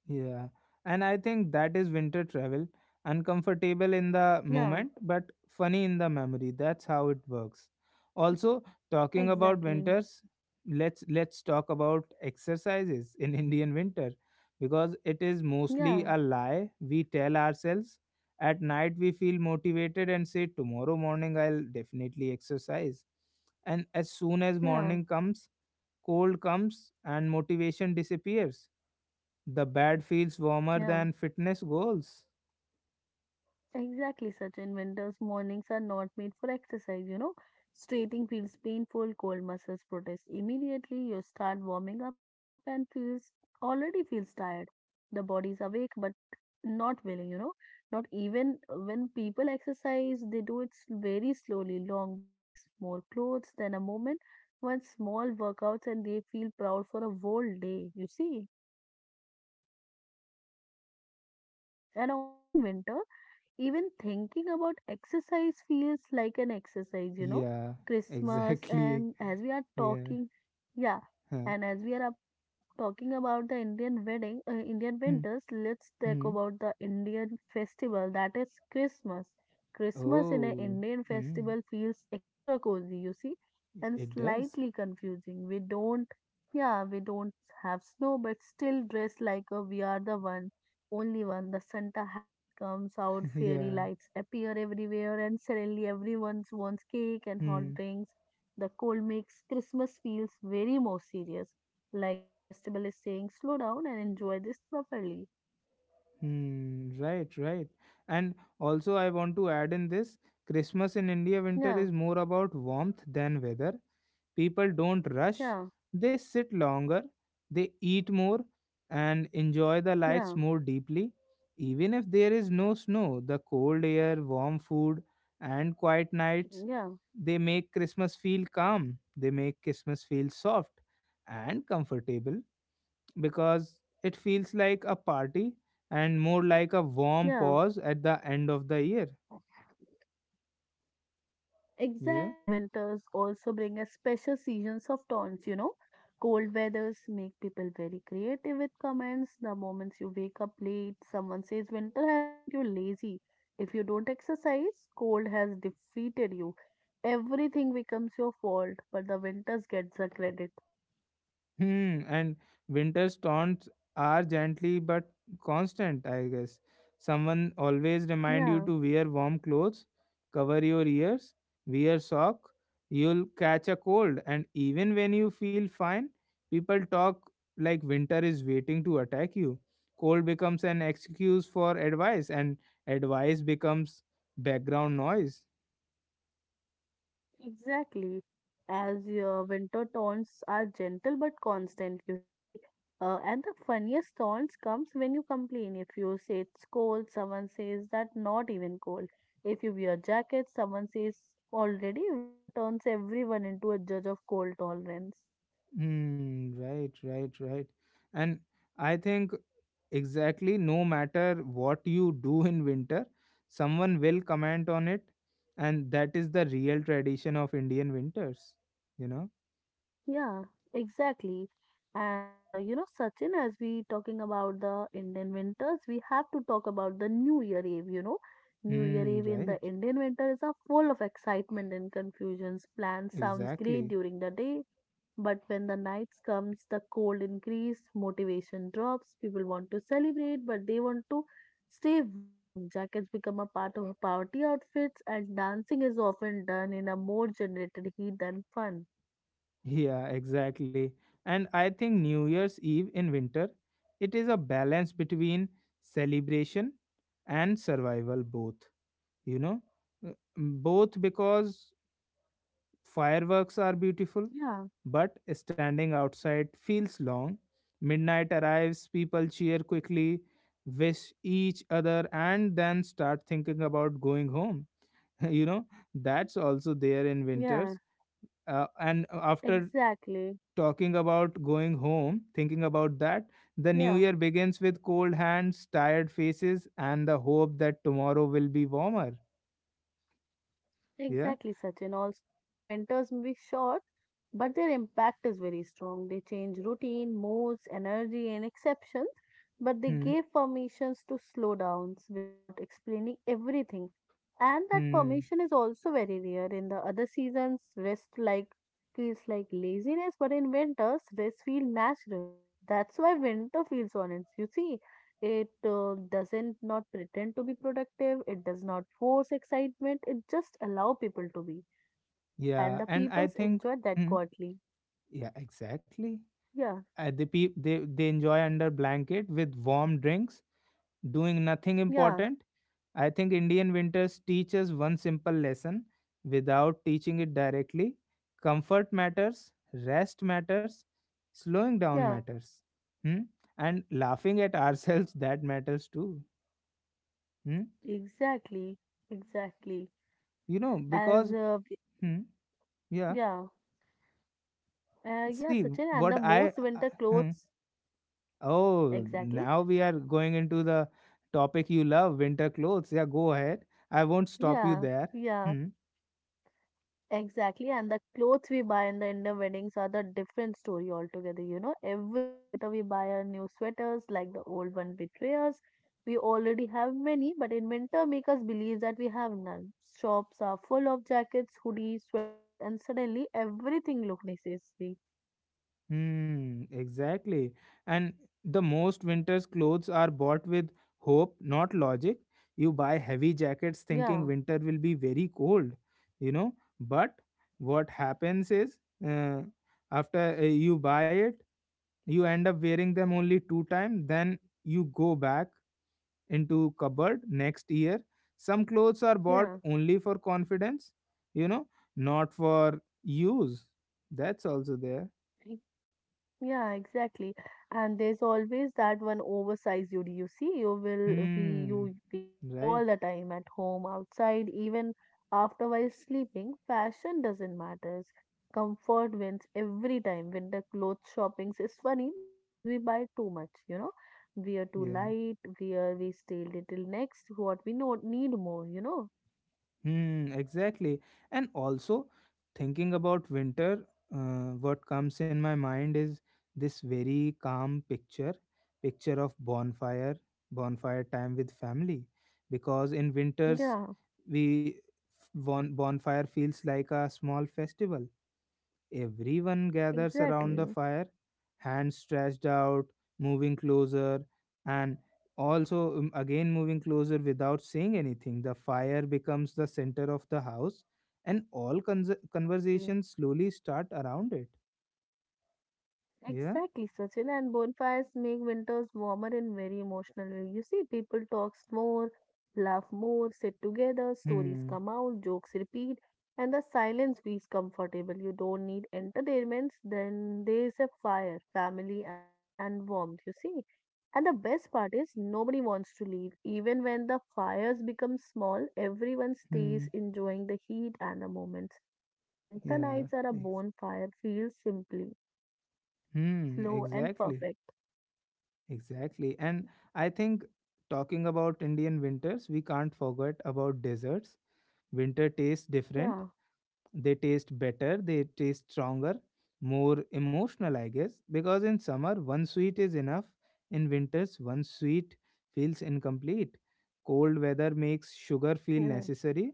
Speaker 1: Yeah. And I think that is winter travel. Uncomfortable in the
Speaker 2: Yeah,
Speaker 1: moment, but funny in the memory. That's how it works. Also, talking about
Speaker 2: exactly.
Speaker 1: winters, let's talk about exercises in Indian winter because it is
Speaker 2: yeah
Speaker 1: mostly a lie we tell ourselves. At night we feel motivated and say tomorrow morning I'll definitely exercise. And as soon as
Speaker 2: yeah
Speaker 1: morning comes, cold comes and motivation disappears. The bad feels warmer
Speaker 2: yeah
Speaker 1: than fitness goals.
Speaker 2: Exactly, Sachin. Winter's mornings are not made for exercise, you know. Straightening feels painful, cold muscles protest immediately. You start warming up and feels tired. The body's awake but not willing, you know. Not even when people exercise, they do it very slowly. Long breaks, more clothes, then a moment, one small workouts, and they feel proud for a whole day, you see. And also in winter, even thinking about exercise feels like an exercise, you know.
Speaker 1: Yeah,
Speaker 2: Christmas,
Speaker 1: exactly.
Speaker 2: and as we are
Speaker 1: Yeah.
Speaker 2: talking, yeah,
Speaker 1: Huh.
Speaker 2: and as we are up talking about the Indian wedding, Indian winters,
Speaker 1: Hmm.
Speaker 2: let's talk about
Speaker 1: Hmm.
Speaker 2: the Indian festival that is Christmas. Christmas in an
Speaker 1: Oh.
Speaker 2: Indian
Speaker 1: Hmm.
Speaker 2: festival feels extra cozy, you see, and
Speaker 1: It does.
Speaker 2: slightly confusing. We don't, yeah, we don't have snow, but still dress like a, we are the one only one. The Santa hats comes out, fairy
Speaker 1: Yeah.
Speaker 2: lights appear everywhere, and suddenly everyone wants cake and hot
Speaker 1: Hmm.
Speaker 2: drinks. The cold makes Christmas feels very more serious, like the festival is saying, slow down and enjoy this properly.
Speaker 1: Hmm, right, right. And also, I want to add in this: Christmas in India winter
Speaker 2: Yeah,
Speaker 1: is more about warmth than weather. People don't rush,
Speaker 2: yeah,
Speaker 1: they sit longer, they eat more, and enjoy the lights
Speaker 2: yeah,
Speaker 1: more deeply. Even if there is no snow, the cold air, warm food, and quiet nights,
Speaker 2: yeah,
Speaker 1: they make Christmas feel calm, they make Christmas feel soft and comfortable because it feels like a party and more like a warm
Speaker 2: yeah.
Speaker 1: pause at the end of the year. Yeah.
Speaker 2: Exactly, winters also bring a special seasons of tones, you know. Cold weathers make people very creative with comments. The moments you wake up late, someone says winter has made you lazy. If you don't exercise, cold has defeated you. Everything becomes your fault, but the winters gets the credit.
Speaker 1: Hmm, and winter storms are gently but constant, I guess. Someone always remind you
Speaker 2: Yeah.
Speaker 1: to wear warm clothes, cover your ears, wear sock. You'll catch a cold, and even when you feel fine, people talk like winter is waiting to attack you. Cold becomes an excuse for advice, and advice becomes background noise.
Speaker 2: Exactly. As your winter tones are gentle but constant, you see. And the funniest taunts comes when you complain. If you say it's cold, someone says that not even cold. If you wear jackets, someone says already winter turns everyone into a judge of cold tolerance.
Speaker 1: Hmm, right, right, right. And I think exactly no matter what you do in winter, someone will comment on it. And that is the real tradition of Indian winters, you know?
Speaker 2: Yeah, exactly. And you know, Sachin, as we talking about the Indian winters, we have to talk about the New Year Eve, you know. New Year
Speaker 1: Hmm,
Speaker 2: Eve in the
Speaker 1: right.
Speaker 2: Indian winter is a full of excitement and confusions. Plans sounds great
Speaker 1: Exactly.
Speaker 2: during the day, but when the nights comes, the cold increase, motivation drops. People want to celebrate, but they want to stay warm. Jackets become a part of party outfits, and dancing is often done in a more generated heat than fun.
Speaker 1: Yeah, exactly. And I think New Year's Eve in winter, it is a balance between celebration and survival, both, you know? Uh, Both because fireworks are beautiful,
Speaker 2: Yeah.
Speaker 1: but standing outside feels long. Midnight arrives, people cheer quickly, wish each other, and then start thinking about going home. You know, that's also there in
Speaker 2: Yeah,
Speaker 1: winters. And after
Speaker 2: exactly.
Speaker 1: talking about going home, thinking about that, the new
Speaker 2: Yeah,
Speaker 1: year begins with cold hands, tired faces, and the hope that tomorrow will be warmer. Yeah.
Speaker 2: exactly, Sachin. Also, Indian winters may be short but their impact is very strong. They change routine, moods, energy, and exceptions, but they
Speaker 1: Hmm.
Speaker 2: gave permissions to slow downs without explaining everything. And that
Speaker 1: Hmm.
Speaker 2: permission is also very rare. In the other seasons, rest like feels like laziness, but in winters, rest feels natural. That's why winter feels honest. You see, it doesn't not pretend to be productive. It does not force excitement. It just allow people to be you, and
Speaker 1: Yeah.
Speaker 2: the
Speaker 1: And I
Speaker 2: peoples
Speaker 1: think.
Speaker 2: enjoy that
Speaker 1: Hmm,
Speaker 2: quietly.
Speaker 1: yeah, exactly.
Speaker 2: Yeah,
Speaker 1: They enjoy under blanket with warm drinks, doing nothing
Speaker 2: yeah,
Speaker 1: important. I think Indian winters teach us one simple lesson without teaching it directly. Comfort matters, rest matters, slowing down
Speaker 2: yeah,
Speaker 1: matters. Hmm? And laughing at ourselves that matters too. Hmm?
Speaker 2: exactly, exactly.
Speaker 1: You know,
Speaker 2: As
Speaker 1: because
Speaker 2: uh, b-
Speaker 1: hmm, yeah,
Speaker 2: yeah, yeah,
Speaker 1: see
Speaker 2: Sachin, and
Speaker 1: what
Speaker 2: the
Speaker 1: I
Speaker 2: most winter clothes,
Speaker 1: oh,
Speaker 2: exactly.
Speaker 1: now we are going into the topic you love, winter clothes. Yeah, go ahead. I won't stop you
Speaker 2: Yeah,
Speaker 1: there. Hmm.
Speaker 2: exactly. And the clothes we buy in the Indian weddings are the different story altogether. You know, every winter we buy our new sweaters, like the old one betray us. We already have many, but in winter make us believe that we have none. Shops are full of jackets, hoodies, sweaters, and suddenly everything look necessary.
Speaker 1: Hmm. Exactly. And the most winter's clothes are bought with hope, not logic. You buy heavy jackets
Speaker 2: Yeah.
Speaker 1: thinking winter will be very cold, you know. But what happens is, uh, after you buy it, you end up wearing them only two times. Then you go back into cupboard next year. Some clothes are bought
Speaker 2: Yeah,
Speaker 1: only for confidence you know not for use. That's also there.
Speaker 2: e- yeah, exactly. And there's always that one oversized you. You see, you will be
Speaker 1: Hmm,
Speaker 2: you be all
Speaker 1: right,
Speaker 2: the time at home, outside, even after while sleeping. Fashion doesn't matter. Comfort wins every time. Winter clothes shoppings is funny because we buy too much. You know, we are too
Speaker 1: yeah.
Speaker 2: light. We are we stay little next. What we know need more. You know.
Speaker 1: Hmm, exactly. And also, thinking about winter, what comes in my mind is this very calm picture of bonfire time with family, because in winters
Speaker 2: Yeah,
Speaker 1: we bonfire feels like a small festival. Everyone gathers around the
Speaker 2: exactly,
Speaker 1: fire, hands stretched out, moving closer, and also again moving closer without saying anything. The fire becomes the center of the house, and all
Speaker 2: exactly.
Speaker 1: conversations slowly start around it. Yeah.
Speaker 2: Exactly, Sachin. And bonfires make winters warmer and very emotional. Way. You see, people talks more, laugh more, sit together, stories
Speaker 1: Hmm.
Speaker 2: come out, jokes repeat, and the silence feels comfortable. You don't need entertainments, then there's a fire, family, and warmth, you see. And the best part is nobody wants to leave. Even when the fires become small, everyone stays
Speaker 1: Hmm.
Speaker 2: enjoying the heat and the moments. Winter
Speaker 1: Yeah.
Speaker 2: nights are a
Speaker 1: Ex-
Speaker 2: bonfire, feel simply
Speaker 1: hmm.
Speaker 2: slow and
Speaker 1: Exactly.
Speaker 2: perfect.
Speaker 1: Exactly. And I think talking about Indian winters, we can't forget about deserts. Winter tastes different.
Speaker 2: Yeah,
Speaker 1: They taste better, they taste stronger, more emotional, I guess, because in summer, one sweet is enough. In winters, one sweet feels incomplete. Cold weather makes sugar feel
Speaker 2: yeah,
Speaker 1: necessary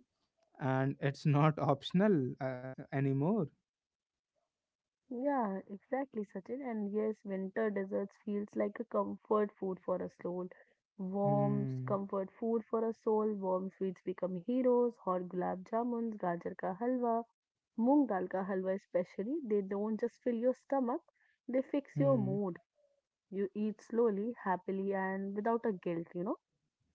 Speaker 1: and it's not optional anymore.
Speaker 2: yeah, exactly, Sachin. And yes, winter desserts feels like a comfort food for a soul. Warm
Speaker 1: Hmm.
Speaker 2: comfort food for a soul. Warm sweets become heroes. Hot gulab jamuns, gajar ka halwa, moong dal ka halwa especially. They don't just fill your stomach; they fix your
Speaker 1: Hmm.
Speaker 2: mood. You eat slowly, happily, and without a guilt. You know?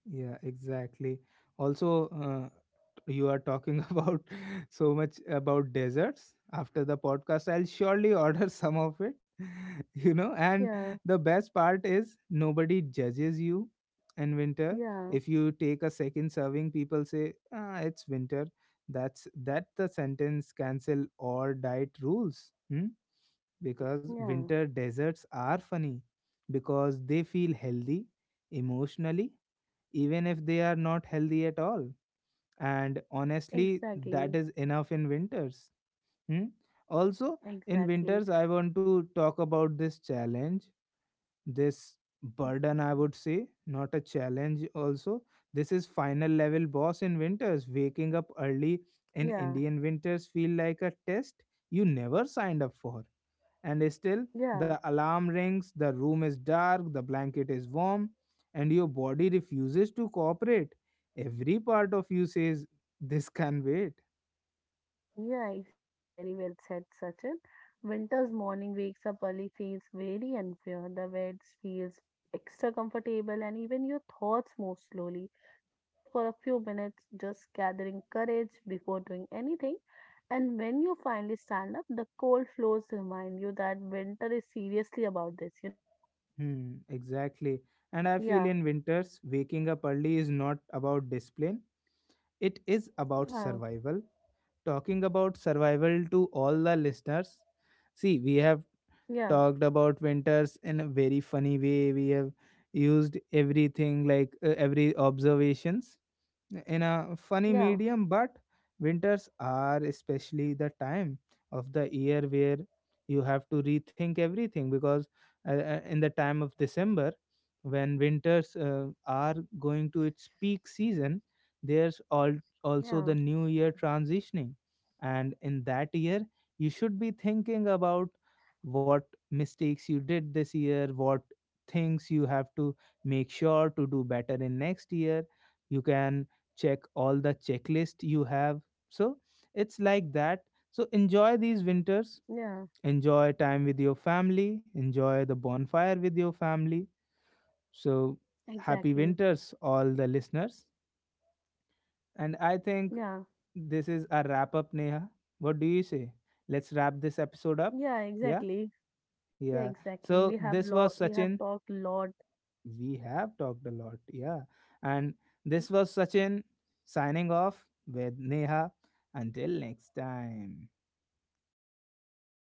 Speaker 1: Yeah, exactly. Also, you are talking about so much about desserts. After the podcast, I'll surely order some of it, you know. And
Speaker 2: Yeah,
Speaker 1: the best part is nobody judges you in winter.
Speaker 2: yeah,
Speaker 1: If you take a second serving, people say, ah, it's winter. That's that the sentence cancel all diet rules. Hmm? Because
Speaker 2: yeah.
Speaker 1: winter desserts are funny because they feel healthy emotionally even if they are not healthy at all. And honestly, that
Speaker 2: Exactly,
Speaker 1: is enough in winters. Hmm? Also, in
Speaker 2: exactly.
Speaker 1: winters, I want to talk about this challenge, this burden, I would say, not a challenge, also. This is final level boss in winters. Waking up early in
Speaker 2: Yeah,
Speaker 1: Indian winters feel like a test you never signed up for and still,
Speaker 2: yeah.
Speaker 1: the alarm rings, the room is dark, the blanket is warm, and your body refuses to cooperate. Every part of you says, this can wait.
Speaker 2: Yeah, exactly. Very well said, Sachin. Winter's morning wakes up early feels very unfair. The bed feels extra comfortable, and even your thoughts move slowly. You sit for a few minutes, just gathering courage before doing anything. And when you finally stand up, the cold floors remind you that winter is seriously about this, you know?
Speaker 1: Hmm, exactly. And I feel
Speaker 2: Yeah,
Speaker 1: in winters, waking up early is not about discipline, it is about
Speaker 2: yeah,
Speaker 1: survival. Talking about survival to all the listeners, see, we have
Speaker 2: yeah,
Speaker 1: talked about winters in a very funny way. We have used everything like every observations in a funny
Speaker 2: yeah,
Speaker 1: medium, but winters are especially the time of the year where you have to rethink everything because in the time of December, when winters are going to its peak season, there's all also
Speaker 2: yeah,
Speaker 1: the new year transitioning. And in that year you should be thinking about what mistakes you did this year, what things you have to make sure to do better in next year. You can check all the checklist you have. So it's like that. So enjoy these winters,
Speaker 2: yeah,
Speaker 1: enjoy time with your family, enjoy the bonfire with your family. So happy
Speaker 2: exactly.
Speaker 1: winters all the listeners. And I think
Speaker 2: Yeah,
Speaker 1: this is a wrap up, Neha. What do you say? Let's wrap this episode up.
Speaker 2: yeah,
Speaker 1: Yeah.
Speaker 2: exactly. Yeah,
Speaker 1: Yeah.
Speaker 2: exactly.
Speaker 1: So this was
Speaker 2: We have
Speaker 1: Sachin.
Speaker 2: talked a lot,
Speaker 1: We have talked a lot, yeah. And this was Sachin signing off with Neha. Until next time.